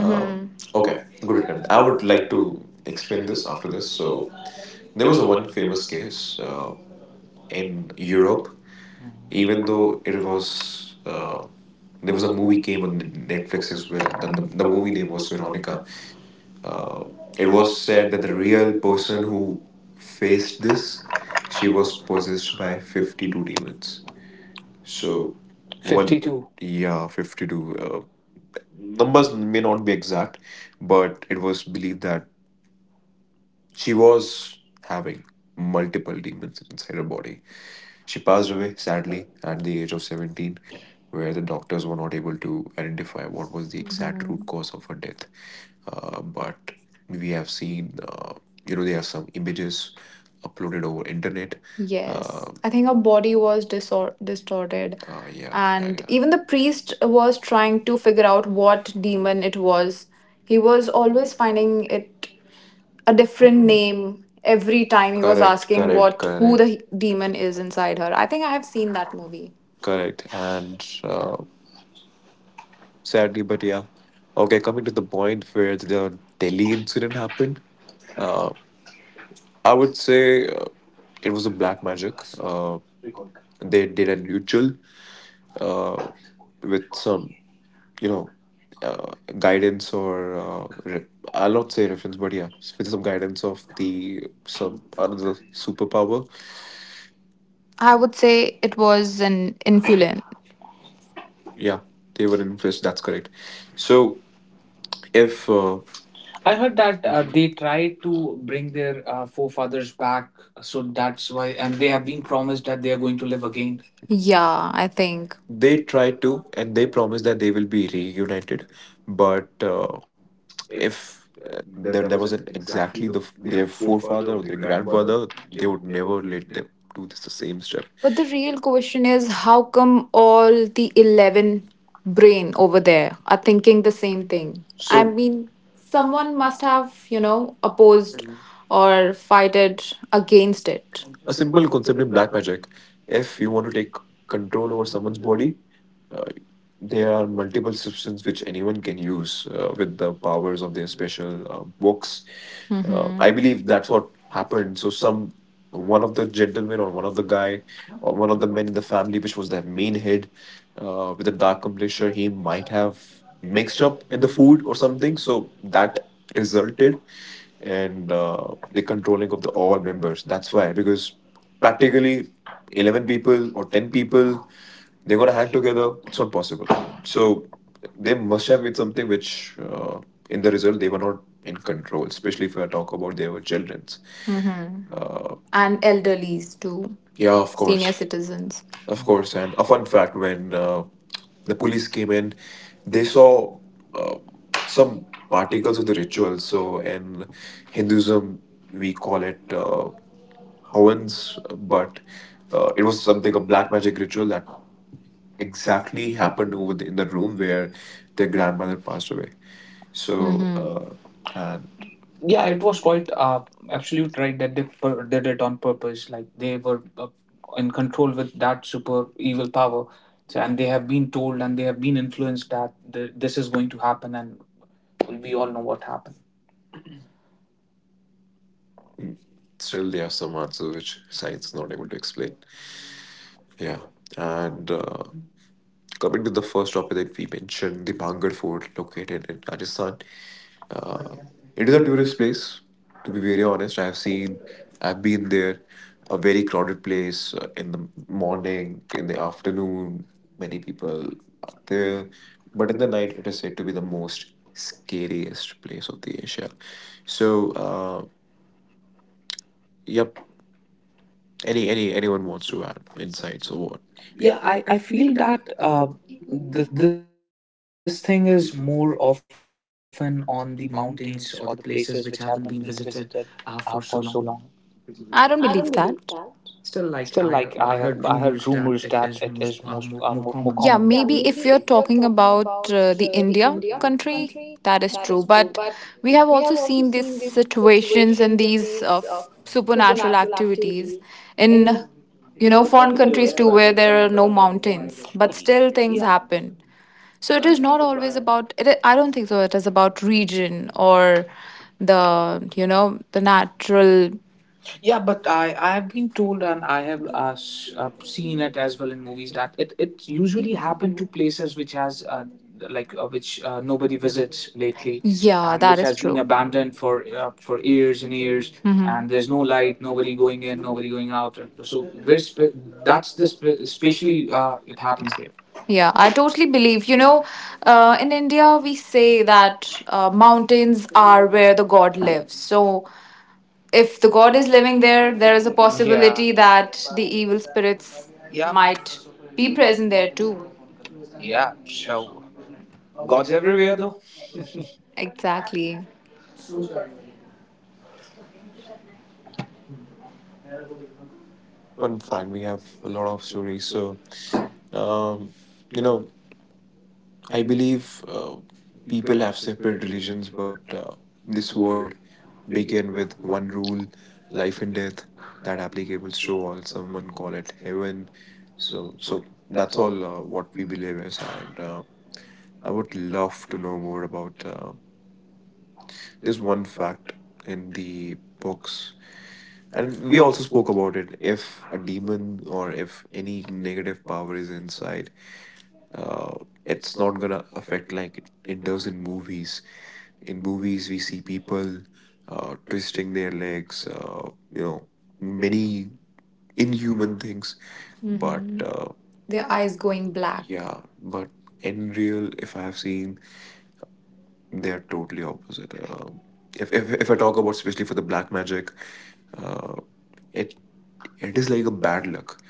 [SPEAKER 3] Um, okay,
[SPEAKER 1] Okay,
[SPEAKER 3] good attempt.
[SPEAKER 1] good.
[SPEAKER 3] I
[SPEAKER 1] I
[SPEAKER 3] would
[SPEAKER 1] would
[SPEAKER 3] like
[SPEAKER 1] like to
[SPEAKER 3] to explain
[SPEAKER 1] explain
[SPEAKER 3] this
[SPEAKER 1] this
[SPEAKER 3] after
[SPEAKER 1] after
[SPEAKER 3] this.
[SPEAKER 1] this.
[SPEAKER 3] So,
[SPEAKER 1] So
[SPEAKER 3] there
[SPEAKER 1] there
[SPEAKER 3] was
[SPEAKER 1] was
[SPEAKER 3] a
[SPEAKER 1] a
[SPEAKER 3] one
[SPEAKER 1] one
[SPEAKER 3] famous
[SPEAKER 1] famous
[SPEAKER 3] case
[SPEAKER 1] case. Uh,
[SPEAKER 3] in Europe, even though it was there was a movie came on Netflix as well. Then the movie name was Veronica. uh, it was said that the real person who faced this, she was possessed by 52 demons. So one
[SPEAKER 2] Me too.
[SPEAKER 3] fifty-two.
[SPEAKER 1] 52.
[SPEAKER 3] Yeah, 52, numbers may not be exact, but it was believed that she was having multiple demons inside her body. She passed away sadly at the age of 17, where the doctors were not able to identify what was the exact root cause of her death. But we have seen, there are some images uploaded over internet. Yes.
[SPEAKER 2] Yes.
[SPEAKER 3] I
[SPEAKER 2] I
[SPEAKER 3] think
[SPEAKER 2] think
[SPEAKER 3] her
[SPEAKER 2] her body
[SPEAKER 3] body was
[SPEAKER 2] was distorted.
[SPEAKER 3] distorted.
[SPEAKER 2] Yeah.
[SPEAKER 3] Yeah, yeah, And
[SPEAKER 2] And
[SPEAKER 3] yeah.
[SPEAKER 2] even
[SPEAKER 3] Even
[SPEAKER 2] the
[SPEAKER 3] the
[SPEAKER 2] priest
[SPEAKER 3] priest was
[SPEAKER 2] was
[SPEAKER 3] trying
[SPEAKER 2] trying
[SPEAKER 3] to
[SPEAKER 2] to
[SPEAKER 3] figure
[SPEAKER 2] figure out
[SPEAKER 3] out what
[SPEAKER 2] what demon
[SPEAKER 3] demon
[SPEAKER 2] it
[SPEAKER 3] it
[SPEAKER 2] was.
[SPEAKER 3] was. He
[SPEAKER 2] He
[SPEAKER 3] was
[SPEAKER 2] was always
[SPEAKER 3] always finding
[SPEAKER 2] finding it a different name
[SPEAKER 3] every
[SPEAKER 2] every
[SPEAKER 3] time he
[SPEAKER 2] time
[SPEAKER 3] was
[SPEAKER 2] he was
[SPEAKER 3] Correct, asking,
[SPEAKER 2] asking correct,
[SPEAKER 3] correct,
[SPEAKER 2] what
[SPEAKER 3] what,
[SPEAKER 2] correct,
[SPEAKER 3] who,
[SPEAKER 2] who
[SPEAKER 3] correct,
[SPEAKER 2] the
[SPEAKER 3] the demon
[SPEAKER 2] demon
[SPEAKER 3] is
[SPEAKER 2] is
[SPEAKER 3] inside
[SPEAKER 2] inside her.
[SPEAKER 3] her. I
[SPEAKER 2] I
[SPEAKER 3] think
[SPEAKER 2] think
[SPEAKER 3] I
[SPEAKER 2] I have
[SPEAKER 3] have seen
[SPEAKER 2] seen that
[SPEAKER 3] that movie.
[SPEAKER 2] movie.
[SPEAKER 3] Correct.
[SPEAKER 1] Correct.
[SPEAKER 3] And sadly, but yeah.
[SPEAKER 1] So,
[SPEAKER 3] Okay, coming to the point where the Delhi incident happened, uh, I
[SPEAKER 1] uh,
[SPEAKER 3] would say
[SPEAKER 1] it
[SPEAKER 3] it
[SPEAKER 1] was
[SPEAKER 3] was a black magic. They
[SPEAKER 1] they
[SPEAKER 3] did a
[SPEAKER 1] did
[SPEAKER 3] ritual, uh,
[SPEAKER 1] uh,
[SPEAKER 3] with some, you know, uh, guidance or I'll not say reference, but yeah, with some guidance of the some another superpower.
[SPEAKER 2] I
[SPEAKER 3] I
[SPEAKER 2] would
[SPEAKER 3] would say
[SPEAKER 2] say
[SPEAKER 3] it-
[SPEAKER 2] it was an influence.
[SPEAKER 3] Yeah, they were influenced. That's correct. So if
[SPEAKER 1] I
[SPEAKER 2] I
[SPEAKER 3] I
[SPEAKER 1] heard
[SPEAKER 2] heard
[SPEAKER 3] heard
[SPEAKER 1] that
[SPEAKER 3] that
[SPEAKER 2] that
[SPEAKER 1] they
[SPEAKER 2] they
[SPEAKER 3] they
[SPEAKER 1] try
[SPEAKER 2] try
[SPEAKER 1] to
[SPEAKER 2] to
[SPEAKER 1] bring
[SPEAKER 2] bring
[SPEAKER 1] their
[SPEAKER 2] their
[SPEAKER 1] followers
[SPEAKER 2] forefathers
[SPEAKER 1] back,
[SPEAKER 2] back,
[SPEAKER 1] so
[SPEAKER 2] so
[SPEAKER 1] that's
[SPEAKER 3] that's
[SPEAKER 2] that's why,
[SPEAKER 3] why,
[SPEAKER 1] why, and
[SPEAKER 3] and
[SPEAKER 2] and
[SPEAKER 3] they
[SPEAKER 1] they
[SPEAKER 2] they have
[SPEAKER 3] have
[SPEAKER 1] have.
[SPEAKER 2] been
[SPEAKER 3] been promised
[SPEAKER 2] promised
[SPEAKER 3] that
[SPEAKER 2] that
[SPEAKER 3] they
[SPEAKER 2] they
[SPEAKER 3] are
[SPEAKER 2] are
[SPEAKER 3] going
[SPEAKER 2] going
[SPEAKER 3] to
[SPEAKER 2] to
[SPEAKER 3] live
[SPEAKER 2] live
[SPEAKER 3] again.
[SPEAKER 2] again.
[SPEAKER 3] Yeah,
[SPEAKER 2] Yeah, I
[SPEAKER 3] I think.
[SPEAKER 2] think.
[SPEAKER 3] They try to, and they promise that
[SPEAKER 1] They
[SPEAKER 3] they will
[SPEAKER 1] will
[SPEAKER 3] be
[SPEAKER 1] be reunited.
[SPEAKER 3] reunited, but
[SPEAKER 1] But if
[SPEAKER 3] if
[SPEAKER 2] Uh,
[SPEAKER 1] uh,
[SPEAKER 3] there,
[SPEAKER 1] there,
[SPEAKER 3] there
[SPEAKER 1] there was
[SPEAKER 3] wasn't exactly
[SPEAKER 1] exactly
[SPEAKER 3] the
[SPEAKER 1] the,
[SPEAKER 3] their
[SPEAKER 1] their
[SPEAKER 3] forefather
[SPEAKER 1] forefather
[SPEAKER 3] or
[SPEAKER 1] or
[SPEAKER 3] their
[SPEAKER 1] their grandfather,
[SPEAKER 3] grandfather,
[SPEAKER 1] they
[SPEAKER 3] they would
[SPEAKER 1] never
[SPEAKER 3] never
[SPEAKER 1] live
[SPEAKER 3] let them
[SPEAKER 1] there.
[SPEAKER 3] do this
[SPEAKER 1] It's
[SPEAKER 3] the
[SPEAKER 1] the same
[SPEAKER 3] same
[SPEAKER 1] stuff.
[SPEAKER 3] step.
[SPEAKER 2] But
[SPEAKER 1] But the
[SPEAKER 2] the real
[SPEAKER 1] real
[SPEAKER 2] question
[SPEAKER 3] Question
[SPEAKER 2] is
[SPEAKER 3] is
[SPEAKER 2] how
[SPEAKER 3] how
[SPEAKER 2] come
[SPEAKER 3] come all
[SPEAKER 2] all the
[SPEAKER 3] the
[SPEAKER 2] 11
[SPEAKER 3] 11
[SPEAKER 2] brain
[SPEAKER 3] brain
[SPEAKER 2] over
[SPEAKER 3] over there
[SPEAKER 2] there are
[SPEAKER 3] are
[SPEAKER 2] thinking
[SPEAKER 3] thinking
[SPEAKER 2] the
[SPEAKER 3] the
[SPEAKER 2] same
[SPEAKER 3] same thing?
[SPEAKER 2] thing? I So
[SPEAKER 3] So
[SPEAKER 2] mean,
[SPEAKER 3] someone
[SPEAKER 2] someone must
[SPEAKER 3] must have,
[SPEAKER 2] have, you
[SPEAKER 3] you know,
[SPEAKER 2] know,
[SPEAKER 3] opposed.
[SPEAKER 2] opposed
[SPEAKER 3] Mhm. Or
[SPEAKER 2] or fighted
[SPEAKER 3] fighted
[SPEAKER 2] against
[SPEAKER 3] against it.
[SPEAKER 2] it.
[SPEAKER 3] A simple
[SPEAKER 1] simple
[SPEAKER 3] concept
[SPEAKER 1] concept.
[SPEAKER 3] in black magic:
[SPEAKER 1] If
[SPEAKER 3] if
[SPEAKER 1] you
[SPEAKER 3] you want
[SPEAKER 1] want
[SPEAKER 3] to
[SPEAKER 1] to take
[SPEAKER 3] take
[SPEAKER 1] control
[SPEAKER 3] control over
[SPEAKER 1] over
[SPEAKER 3] someone's body,
[SPEAKER 1] somebody,
[SPEAKER 3] uh, there are multiple substances which anyone can use, with the powers of their special books.
[SPEAKER 2] Mm-hmm.
[SPEAKER 3] I believe that's what happened. So some
[SPEAKER 1] one
[SPEAKER 3] one
[SPEAKER 1] of
[SPEAKER 3] of the
[SPEAKER 1] the women
[SPEAKER 3] gentlemen or one of the guy
[SPEAKER 1] or
[SPEAKER 3] or one
[SPEAKER 1] one of
[SPEAKER 3] of the
[SPEAKER 1] the
[SPEAKER 3] men
[SPEAKER 1] men
[SPEAKER 3] in the family, which was the main head, with a dark complexion, he might have mixed up in the
[SPEAKER 1] the
[SPEAKER 3] food
[SPEAKER 1] food or
[SPEAKER 3] or
[SPEAKER 1] something,
[SPEAKER 3] something.
[SPEAKER 1] so
[SPEAKER 3] So that resulted in
[SPEAKER 1] they
[SPEAKER 3] the
[SPEAKER 1] can
[SPEAKER 3] controlling of the all members. That's why, because
[SPEAKER 1] pack
[SPEAKER 3] practically
[SPEAKER 1] 11
[SPEAKER 3] 11
[SPEAKER 1] people,
[SPEAKER 3] people or 10 people, they
[SPEAKER 1] they're
[SPEAKER 3] got to
[SPEAKER 1] gonna
[SPEAKER 3] hack
[SPEAKER 1] have to together,
[SPEAKER 3] together.
[SPEAKER 1] it's
[SPEAKER 3] It's not
[SPEAKER 1] not possible.
[SPEAKER 3] possible.
[SPEAKER 1] So
[SPEAKER 3] So they
[SPEAKER 1] it
[SPEAKER 3] must
[SPEAKER 1] must
[SPEAKER 3] have
[SPEAKER 1] have been
[SPEAKER 3] made something
[SPEAKER 1] something which,
[SPEAKER 3] which,
[SPEAKER 1] in
[SPEAKER 3] in
[SPEAKER 1] the
[SPEAKER 3] the
[SPEAKER 1] result,
[SPEAKER 3] result,
[SPEAKER 1] they
[SPEAKER 3] they were
[SPEAKER 1] were not
[SPEAKER 3] not in control.
[SPEAKER 1] controls
[SPEAKER 3] Especially if I talk about, they
[SPEAKER 1] for
[SPEAKER 3] were
[SPEAKER 1] children.
[SPEAKER 3] childrens.
[SPEAKER 2] Mm-hmm. And
[SPEAKER 3] And
[SPEAKER 2] elderlies
[SPEAKER 3] elderlies too,
[SPEAKER 2] too,
[SPEAKER 1] Yeah,
[SPEAKER 3] yeah,
[SPEAKER 1] of,
[SPEAKER 3] of
[SPEAKER 1] course.
[SPEAKER 3] course,
[SPEAKER 2] citizens.
[SPEAKER 3] of
[SPEAKER 1] Of course.
[SPEAKER 3] course.
[SPEAKER 1] And
[SPEAKER 3] And a
[SPEAKER 1] a
[SPEAKER 3] fun
[SPEAKER 1] fun
[SPEAKER 3] fact:
[SPEAKER 1] fact when
[SPEAKER 3] when
[SPEAKER 1] the
[SPEAKER 3] the police
[SPEAKER 1] police came
[SPEAKER 3] came in,
[SPEAKER 1] in,
[SPEAKER 3] they
[SPEAKER 1] they saw
[SPEAKER 3] saw uh,
[SPEAKER 1] uh, some
[SPEAKER 3] some
[SPEAKER 1] particles
[SPEAKER 3] particles
[SPEAKER 1] of
[SPEAKER 3] of
[SPEAKER 1] the
[SPEAKER 3] the
[SPEAKER 1] ritual.
[SPEAKER 3] ritual. So
[SPEAKER 1] So in
[SPEAKER 3] in
[SPEAKER 1] Hinduism,
[SPEAKER 3] Hinduism,
[SPEAKER 1] we
[SPEAKER 3] we
[SPEAKER 1] call
[SPEAKER 3] call
[SPEAKER 1] it
[SPEAKER 3] it
[SPEAKER 1] Havans,
[SPEAKER 3] Havans,
[SPEAKER 1] but
[SPEAKER 3] but
[SPEAKER 1] it
[SPEAKER 3] it was
[SPEAKER 1] was something
[SPEAKER 3] something
[SPEAKER 1] a
[SPEAKER 3] a
[SPEAKER 1] black
[SPEAKER 3] black magic
[SPEAKER 1] magic
[SPEAKER 3] ritual
[SPEAKER 1] ritual
[SPEAKER 3] that
[SPEAKER 1] that
[SPEAKER 3] exactly
[SPEAKER 1] exactly
[SPEAKER 3] happened
[SPEAKER 1] happened
[SPEAKER 3] over
[SPEAKER 1] over
[SPEAKER 3] the,
[SPEAKER 1] the,
[SPEAKER 3] in
[SPEAKER 1] in
[SPEAKER 3] the
[SPEAKER 1] the room
[SPEAKER 3] room where
[SPEAKER 1] where
[SPEAKER 3] their
[SPEAKER 1] their grandmother
[SPEAKER 3] grandmother
[SPEAKER 1] passed
[SPEAKER 3] passed
[SPEAKER 1] away.
[SPEAKER 3] away.
[SPEAKER 1] So,
[SPEAKER 3] So,
[SPEAKER 2] Mm-hmm.
[SPEAKER 3] and
[SPEAKER 2] Yeah,
[SPEAKER 1] yeah,
[SPEAKER 3] yeah,
[SPEAKER 2] it
[SPEAKER 1] it
[SPEAKER 3] it
[SPEAKER 1] was
[SPEAKER 2] was
[SPEAKER 3] was
[SPEAKER 1] quite
[SPEAKER 2] quite
[SPEAKER 3] quite, absolutely.
[SPEAKER 2] absolute
[SPEAKER 1] absolute right
[SPEAKER 2] right that
[SPEAKER 1] that they
[SPEAKER 2] they
[SPEAKER 1] per-
[SPEAKER 2] did
[SPEAKER 1] did it
[SPEAKER 2] it on
[SPEAKER 1] on purpose.
[SPEAKER 2] purpose, like they
[SPEAKER 1] They were
[SPEAKER 2] were in
[SPEAKER 1] in
[SPEAKER 2] control
[SPEAKER 1] control
[SPEAKER 2] with
[SPEAKER 1] with
[SPEAKER 2] that
[SPEAKER 1] that super
[SPEAKER 2] super evil
[SPEAKER 1] evil power,
[SPEAKER 2] power, so,
[SPEAKER 1] so, and
[SPEAKER 2] and they
[SPEAKER 1] they
[SPEAKER 2] have
[SPEAKER 1] have
[SPEAKER 2] been
[SPEAKER 1] been
[SPEAKER 2] told
[SPEAKER 1] told
[SPEAKER 2] and
[SPEAKER 1] and
[SPEAKER 2] they
[SPEAKER 1] they
[SPEAKER 2] have
[SPEAKER 1] have
[SPEAKER 2] been
[SPEAKER 1] been
[SPEAKER 2] influenced
[SPEAKER 1] influenced that
[SPEAKER 2] that
[SPEAKER 1] th-
[SPEAKER 2] this
[SPEAKER 1] this
[SPEAKER 2] is
[SPEAKER 1] is
[SPEAKER 2] going
[SPEAKER 1] going
[SPEAKER 2] to
[SPEAKER 1] to
[SPEAKER 2] happen
[SPEAKER 1] happen,
[SPEAKER 2] and
[SPEAKER 1] and
[SPEAKER 2] we
[SPEAKER 1] we
[SPEAKER 2] all
[SPEAKER 1] all
[SPEAKER 2] know
[SPEAKER 1] know
[SPEAKER 2] what
[SPEAKER 1] what
[SPEAKER 2] happened.
[SPEAKER 1] happened.
[SPEAKER 3] Still, there are some answers which science is not able to explain. Yeah, and coming to the first topic that we mentioned, the Bhangar Fort located in Rajasthan. Uh, it is a tourist place, to be very honest. I've seen, I've been there, a very crowded place in the morning, in the afternoon. Many people are there, but in the night, it is said to be the most scariest place of the Asia. So,
[SPEAKER 1] So,
[SPEAKER 3] yep. Any anyone wants to add insights or what?
[SPEAKER 1] yeah,
[SPEAKER 3] Yeah.
[SPEAKER 2] Yeah,
[SPEAKER 1] I
[SPEAKER 2] I
[SPEAKER 1] feel
[SPEAKER 2] feel
[SPEAKER 1] that
[SPEAKER 2] that
[SPEAKER 1] th- this
[SPEAKER 2] this
[SPEAKER 1] thing
[SPEAKER 2] thing
[SPEAKER 1] is
[SPEAKER 2] is
[SPEAKER 1] more
[SPEAKER 2] more
[SPEAKER 1] often
[SPEAKER 2] often
[SPEAKER 1] on
[SPEAKER 2] on
[SPEAKER 1] the
[SPEAKER 2] the
[SPEAKER 1] mountain,
[SPEAKER 2] mountains or
[SPEAKER 1] the
[SPEAKER 2] the
[SPEAKER 1] places
[SPEAKER 2] places
[SPEAKER 1] which
[SPEAKER 2] which
[SPEAKER 1] have been
[SPEAKER 2] haven't been visited for
[SPEAKER 1] for so
[SPEAKER 2] so
[SPEAKER 1] long.
[SPEAKER 2] long. I don't believe that.
[SPEAKER 1] Still,
[SPEAKER 2] Still,
[SPEAKER 1] like
[SPEAKER 2] like
[SPEAKER 1] I
[SPEAKER 2] I
[SPEAKER 1] heard
[SPEAKER 2] heard
[SPEAKER 1] rumors
[SPEAKER 2] rumors
[SPEAKER 1] that
[SPEAKER 2] that
[SPEAKER 1] it
[SPEAKER 2] it
[SPEAKER 1] is
[SPEAKER 2] is
[SPEAKER 1] most
[SPEAKER 2] most
[SPEAKER 1] more, more
[SPEAKER 2] more common.
[SPEAKER 1] common.
[SPEAKER 2] Yeah, maybe if you're talking about the India country, that is true. But we have also seen these situations and these
[SPEAKER 1] So
[SPEAKER 2] supernatural activities in,
[SPEAKER 1] you
[SPEAKER 2] you know, foreign countries too, where there are no mountains, but
[SPEAKER 1] but
[SPEAKER 2] still things happen. So it is not always about, I don't think so. It is about region or the, you know, the
[SPEAKER 1] structural
[SPEAKER 2] natural.
[SPEAKER 1] yeah,
[SPEAKER 2] Yeah,
[SPEAKER 1] but
[SPEAKER 2] but I
[SPEAKER 1] I have
[SPEAKER 2] I've
[SPEAKER 1] been
[SPEAKER 2] been
[SPEAKER 1] told
[SPEAKER 2] told and
[SPEAKER 1] and I
[SPEAKER 2] I
[SPEAKER 1] have
[SPEAKER 2] have
[SPEAKER 1] s- seen
[SPEAKER 2] seen
[SPEAKER 1] it
[SPEAKER 2] it
[SPEAKER 1] as
[SPEAKER 2] as well
[SPEAKER 1] well
[SPEAKER 2] in
[SPEAKER 1] in
[SPEAKER 2] movies
[SPEAKER 1] movies
[SPEAKER 2] that
[SPEAKER 1] that it,
[SPEAKER 2] it
[SPEAKER 1] it
[SPEAKER 2] usually
[SPEAKER 1] usually happened
[SPEAKER 2] happened to
[SPEAKER 1] to
[SPEAKER 2] places
[SPEAKER 1] places
[SPEAKER 2] which
[SPEAKER 1] which has
[SPEAKER 2] has
[SPEAKER 1] like
[SPEAKER 2] which
[SPEAKER 1] which
[SPEAKER 2] nobody
[SPEAKER 1] nobody visits
[SPEAKER 2] visits
[SPEAKER 1] lately
[SPEAKER 2] lately. Yeah, It that It is has been
[SPEAKER 1] been
[SPEAKER 2] true.
[SPEAKER 1] abandoned
[SPEAKER 2] Abandoned for
[SPEAKER 1] for years
[SPEAKER 2] years
[SPEAKER 1] and
[SPEAKER 2] and years,
[SPEAKER 1] years
[SPEAKER 2] hmm and
[SPEAKER 1] and
[SPEAKER 2] there's
[SPEAKER 1] there's
[SPEAKER 2] no
[SPEAKER 1] no
[SPEAKER 2] light,
[SPEAKER 1] light,
[SPEAKER 2] nobody
[SPEAKER 1] nobody
[SPEAKER 2] going
[SPEAKER 1] going
[SPEAKER 2] in,
[SPEAKER 1] in,
[SPEAKER 2] nobody
[SPEAKER 1] nobody
[SPEAKER 2] going
[SPEAKER 1] going
[SPEAKER 2] out.
[SPEAKER 1] out.
[SPEAKER 2] So
[SPEAKER 1] So
[SPEAKER 2] very
[SPEAKER 1] very
[SPEAKER 2] spe- that's the spe- especially
[SPEAKER 1] usually
[SPEAKER 2] it
[SPEAKER 1] it happens
[SPEAKER 2] happens there.
[SPEAKER 1] there.
[SPEAKER 2] Yeah, I totally believe. You know, in India, we say that mountains are where the god lives. So if the god is living there, there is a possibility that the evil spirits Yeah.
[SPEAKER 1] Yeah, might
[SPEAKER 2] might be present there too. Yeah,
[SPEAKER 1] yeah.
[SPEAKER 2] sure.
[SPEAKER 1] So
[SPEAKER 2] God's
[SPEAKER 1] God's
[SPEAKER 2] everywhere
[SPEAKER 1] everywhere
[SPEAKER 2] though.
[SPEAKER 1] though.
[SPEAKER 2] Exactly.
[SPEAKER 3] Fun fact: we have a lot of stories. So, um, you know, I believe people have separate religions, but this world began with one rule, life and death, that applicable to all. Someone call it heaven. So that's all, what we believe is, and I would love to know more about this one fact in the books. And we also spoke about it. If a demon or if any negative power is inside, uh, it's not gonna affect like it does in movies. In movies we see people twisting their legs, you know many inhuman things, but
[SPEAKER 2] hmm
[SPEAKER 3] their
[SPEAKER 2] Their
[SPEAKER 1] Their
[SPEAKER 2] eyes
[SPEAKER 1] eyes
[SPEAKER 3] eyes
[SPEAKER 2] going
[SPEAKER 1] going
[SPEAKER 3] going black,
[SPEAKER 2] black.
[SPEAKER 1] black.
[SPEAKER 2] Yeah.
[SPEAKER 3] yeah, but in real, if I have seen, they are totally opposite. If I talk about, especially for the black magic, uh, it, it is like a bad luck.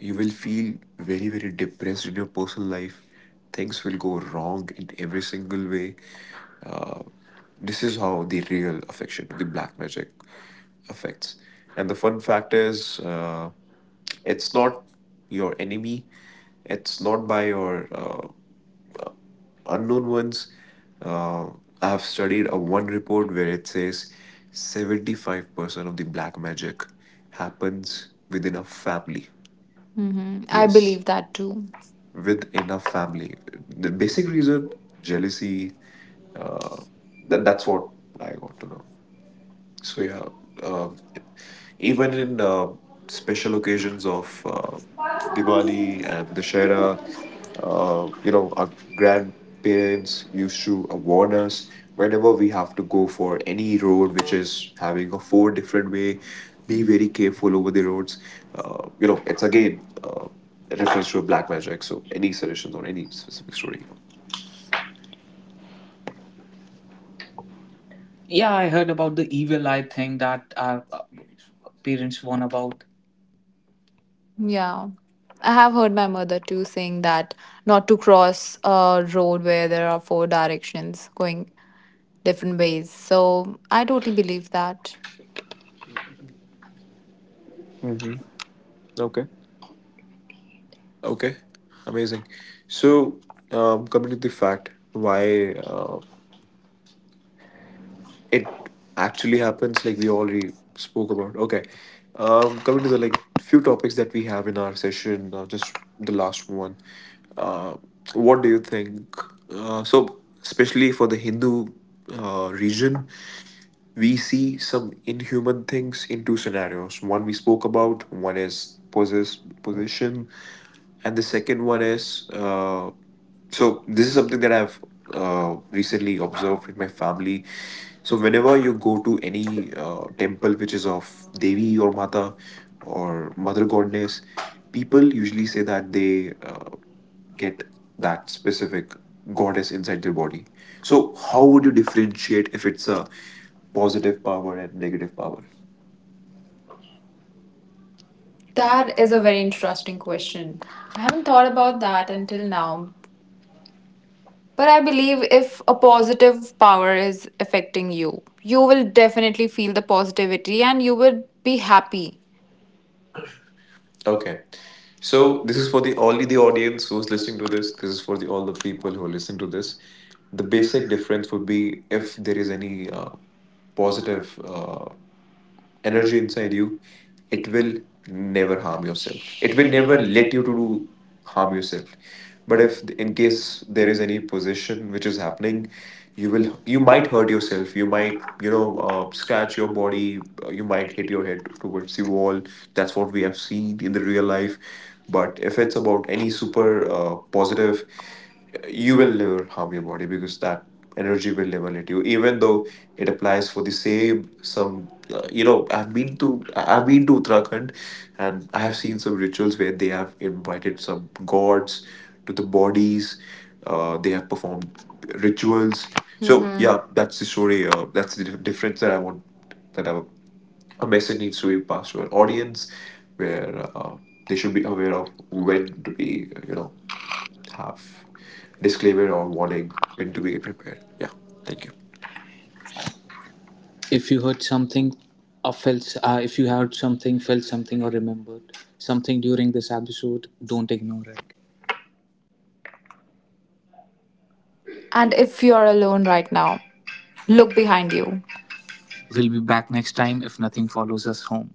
[SPEAKER 3] You will feel very, very depressed in your personal life. Things will go wrong in every single way. uh, this is how the real affection the black magic affects. And the fun fact is, it's not your enemy, it's not by your unknown ones. Uh, I have studied a one report where it says 75% of the black magic happens within a family.
[SPEAKER 2] hmm I
[SPEAKER 3] Yes,
[SPEAKER 2] believe that too.
[SPEAKER 3] with enough family. The basic reason, jealousy. Uh, that's what I got to know. So yeah, um, even in special occasions of Diwali and Dashera, our grandparents used to, warn us whenever we have to go for any road which is having a four different way. Be very
[SPEAKER 1] Very
[SPEAKER 3] careful
[SPEAKER 1] careful
[SPEAKER 3] over
[SPEAKER 1] over
[SPEAKER 3] the
[SPEAKER 1] the
[SPEAKER 3] roads.
[SPEAKER 1] roads.
[SPEAKER 3] You
[SPEAKER 1] You
[SPEAKER 3] know,
[SPEAKER 1] know,
[SPEAKER 3] it's
[SPEAKER 1] it's again
[SPEAKER 3] again reference to a
[SPEAKER 1] to
[SPEAKER 3] black
[SPEAKER 1] black
[SPEAKER 3] magic.
[SPEAKER 1] magic. So
[SPEAKER 3] So any
[SPEAKER 1] eddies,
[SPEAKER 3] suggestions on
[SPEAKER 1] not
[SPEAKER 3] any
[SPEAKER 1] eddies.
[SPEAKER 3] specific story?
[SPEAKER 1] Yeah,
[SPEAKER 2] Yeah, I
[SPEAKER 1] I
[SPEAKER 2] heard
[SPEAKER 1] heard about
[SPEAKER 2] about the
[SPEAKER 1] the
[SPEAKER 2] evil
[SPEAKER 1] evil eye
[SPEAKER 2] eye thing
[SPEAKER 1] thing
[SPEAKER 2] that
[SPEAKER 1] that our
[SPEAKER 2] our parents
[SPEAKER 1] parents warn
[SPEAKER 2] warn
[SPEAKER 1] about.
[SPEAKER 2] about. Yeah. I have heard my mother too saying that not to cross a road where there are four directions going different ways. So I totally believe that.
[SPEAKER 3] Mm-hmm.
[SPEAKER 1] Okay.
[SPEAKER 3] Okay. Okay. Amazing. So, coming to the fact why it actually happens, like we already spoke about. Okay. Coming to the like few topics that we have in our session, just the last one. Uh, what do you think? So especially for the Hindu region, we
[SPEAKER 1] We
[SPEAKER 3] see
[SPEAKER 1] see
[SPEAKER 3] some
[SPEAKER 1] some
[SPEAKER 3] inhuman things in two scenarios.
[SPEAKER 1] scenarios
[SPEAKER 3] One we spoke about, one is possession, and the second one is, so this is something that I've, recently observed with my family. So whenever you go to any temple which is of Devi or Mata or Mother Goddess, people usually say that they, get that
[SPEAKER 1] specific
[SPEAKER 3] specific goddess
[SPEAKER 1] goddess
[SPEAKER 3] inside
[SPEAKER 1] inside
[SPEAKER 3] their
[SPEAKER 1] your body.
[SPEAKER 3] body. So,
[SPEAKER 1] So
[SPEAKER 3] how
[SPEAKER 1] how would
[SPEAKER 3] would you
[SPEAKER 1] you
[SPEAKER 3] differentiate
[SPEAKER 1] differentiate
[SPEAKER 3] if
[SPEAKER 1] if
[SPEAKER 3] it's
[SPEAKER 1] it's a
[SPEAKER 3] a positive
[SPEAKER 1] positive
[SPEAKER 3] power
[SPEAKER 1] power
[SPEAKER 3] and
[SPEAKER 1] and
[SPEAKER 3] negative
[SPEAKER 1] negative power?
[SPEAKER 3] power?
[SPEAKER 2] That is a very interesting question. I haven't thought about that until now. But I
[SPEAKER 3] I
[SPEAKER 1] But
[SPEAKER 3] believe.
[SPEAKER 2] believe if a
[SPEAKER 1] positive
[SPEAKER 2] positive power
[SPEAKER 1] power is
[SPEAKER 2] is
[SPEAKER 1] affecting
[SPEAKER 2] affecting
[SPEAKER 1] you.
[SPEAKER 2] you,
[SPEAKER 1] You
[SPEAKER 2] you
[SPEAKER 1] will
[SPEAKER 2] will
[SPEAKER 1] def.
[SPEAKER 2] definitely feel the positivity and you would be happy.
[SPEAKER 1] Okay.
[SPEAKER 3] Okay. So
[SPEAKER 1] So
[SPEAKER 3] this is for the only the audience who's listening to this. This is for the all the people who listen to this. The basic difference would be: if there is any positive energy inside you, it will never harm yourself, it will never let you to do harm yourself. But if in case there is any position which is happening, you will, you might hurt yourself, you might, you know, scratch your body, you might hit your head towards the wall. That's
[SPEAKER 1] that's
[SPEAKER 3] what
[SPEAKER 1] what
[SPEAKER 3] we
[SPEAKER 1] we
[SPEAKER 3] have
[SPEAKER 1] have seen
[SPEAKER 3] seen in
[SPEAKER 1] in
[SPEAKER 3] the
[SPEAKER 1] the
[SPEAKER 3] real
[SPEAKER 1] real life.
[SPEAKER 3] life. But
[SPEAKER 1] But
[SPEAKER 3] if
[SPEAKER 1] if
[SPEAKER 3] it's
[SPEAKER 1] it's
[SPEAKER 3] about
[SPEAKER 1] about
[SPEAKER 3] any
[SPEAKER 1] any
[SPEAKER 3] super,
[SPEAKER 1] super
[SPEAKER 3] positive,
[SPEAKER 1] positive
[SPEAKER 3] you
[SPEAKER 1] you
[SPEAKER 3] will
[SPEAKER 1] will live
[SPEAKER 3] never harm your body because
[SPEAKER 1] on
[SPEAKER 3] that energy
[SPEAKER 1] energy
[SPEAKER 3] will
[SPEAKER 1] will live
[SPEAKER 3] never
[SPEAKER 1] on
[SPEAKER 3] let
[SPEAKER 1] it
[SPEAKER 3] you,
[SPEAKER 1] you
[SPEAKER 3] even
[SPEAKER 1] even
[SPEAKER 3] though
[SPEAKER 1] though
[SPEAKER 3] it
[SPEAKER 1] it
[SPEAKER 3] applies
[SPEAKER 1] applies
[SPEAKER 3] for the
[SPEAKER 1] to save
[SPEAKER 3] same.
[SPEAKER 1] some
[SPEAKER 3] Some,
[SPEAKER 1] you know
[SPEAKER 3] I've
[SPEAKER 1] i've been
[SPEAKER 3] been
[SPEAKER 1] to
[SPEAKER 3] to,
[SPEAKER 1] I-
[SPEAKER 3] I've
[SPEAKER 1] i've
[SPEAKER 3] been
[SPEAKER 1] been to
[SPEAKER 3] to
[SPEAKER 1] Uttarakhand
[SPEAKER 3] Uttarakhand,
[SPEAKER 1] and
[SPEAKER 3] and I
[SPEAKER 1] I
[SPEAKER 3] have
[SPEAKER 1] have
[SPEAKER 3] seen
[SPEAKER 1] seen
[SPEAKER 3] some
[SPEAKER 1] some
[SPEAKER 3] rituals
[SPEAKER 1] rituals
[SPEAKER 3] where
[SPEAKER 1] where
[SPEAKER 3] they
[SPEAKER 1] they have
[SPEAKER 3] have invited some
[SPEAKER 1] involved
[SPEAKER 3] gods
[SPEAKER 1] gods
[SPEAKER 3] to
[SPEAKER 1] to
[SPEAKER 3] the
[SPEAKER 1] the bodies
[SPEAKER 3] bodies. Uh, they
[SPEAKER 1] they
[SPEAKER 3] have
[SPEAKER 1] have
[SPEAKER 3] performed
[SPEAKER 1] performed rituals
[SPEAKER 3] rituals. So
[SPEAKER 2] Mhm.
[SPEAKER 3] yeah,
[SPEAKER 2] Yeah,
[SPEAKER 1] yeah
[SPEAKER 3] that's
[SPEAKER 2] that's
[SPEAKER 3] the
[SPEAKER 2] the
[SPEAKER 3] story.
[SPEAKER 2] story.
[SPEAKER 3] Uh, that's
[SPEAKER 2] That's
[SPEAKER 3] the
[SPEAKER 2] the difference
[SPEAKER 3] difference
[SPEAKER 1] that's
[SPEAKER 3] that
[SPEAKER 2] that
[SPEAKER 1] that
[SPEAKER 3] I
[SPEAKER 2] I
[SPEAKER 1] i want
[SPEAKER 2] want.
[SPEAKER 3] want,
[SPEAKER 1] that
[SPEAKER 3] that
[SPEAKER 1] i
[SPEAKER 3] I,
[SPEAKER 1] want
[SPEAKER 3] a message needs to
[SPEAKER 1] to be
[SPEAKER 3] be passed
[SPEAKER 1] passed
[SPEAKER 3] to
[SPEAKER 1] to
[SPEAKER 3] an
[SPEAKER 1] an
[SPEAKER 3] audience
[SPEAKER 1] audience
[SPEAKER 3] where,
[SPEAKER 1] uh,
[SPEAKER 3] they
[SPEAKER 1] they
[SPEAKER 3] should be
[SPEAKER 1] be
[SPEAKER 3] aware
[SPEAKER 1] of
[SPEAKER 3] of,
[SPEAKER 1] who.
[SPEAKER 3] when to be, you know, have disclaimer or warning, when to be prepared. Yeah, thank you.
[SPEAKER 1] If you heard something or felt, if you heard something, felt something, or remembered something during this episode, don't ignore it.
[SPEAKER 2] And if you're alone right now, look behind you.
[SPEAKER 1] We'll
[SPEAKER 2] We'll
[SPEAKER 1] be
[SPEAKER 2] be
[SPEAKER 1] back
[SPEAKER 2] back
[SPEAKER 1] next
[SPEAKER 2] next
[SPEAKER 1] time
[SPEAKER 2] time
[SPEAKER 1] if
[SPEAKER 2] if
[SPEAKER 1] nothing
[SPEAKER 2] nothing
[SPEAKER 1] follows
[SPEAKER 2] follows
[SPEAKER 1] us
[SPEAKER 2] us
[SPEAKER 1] home.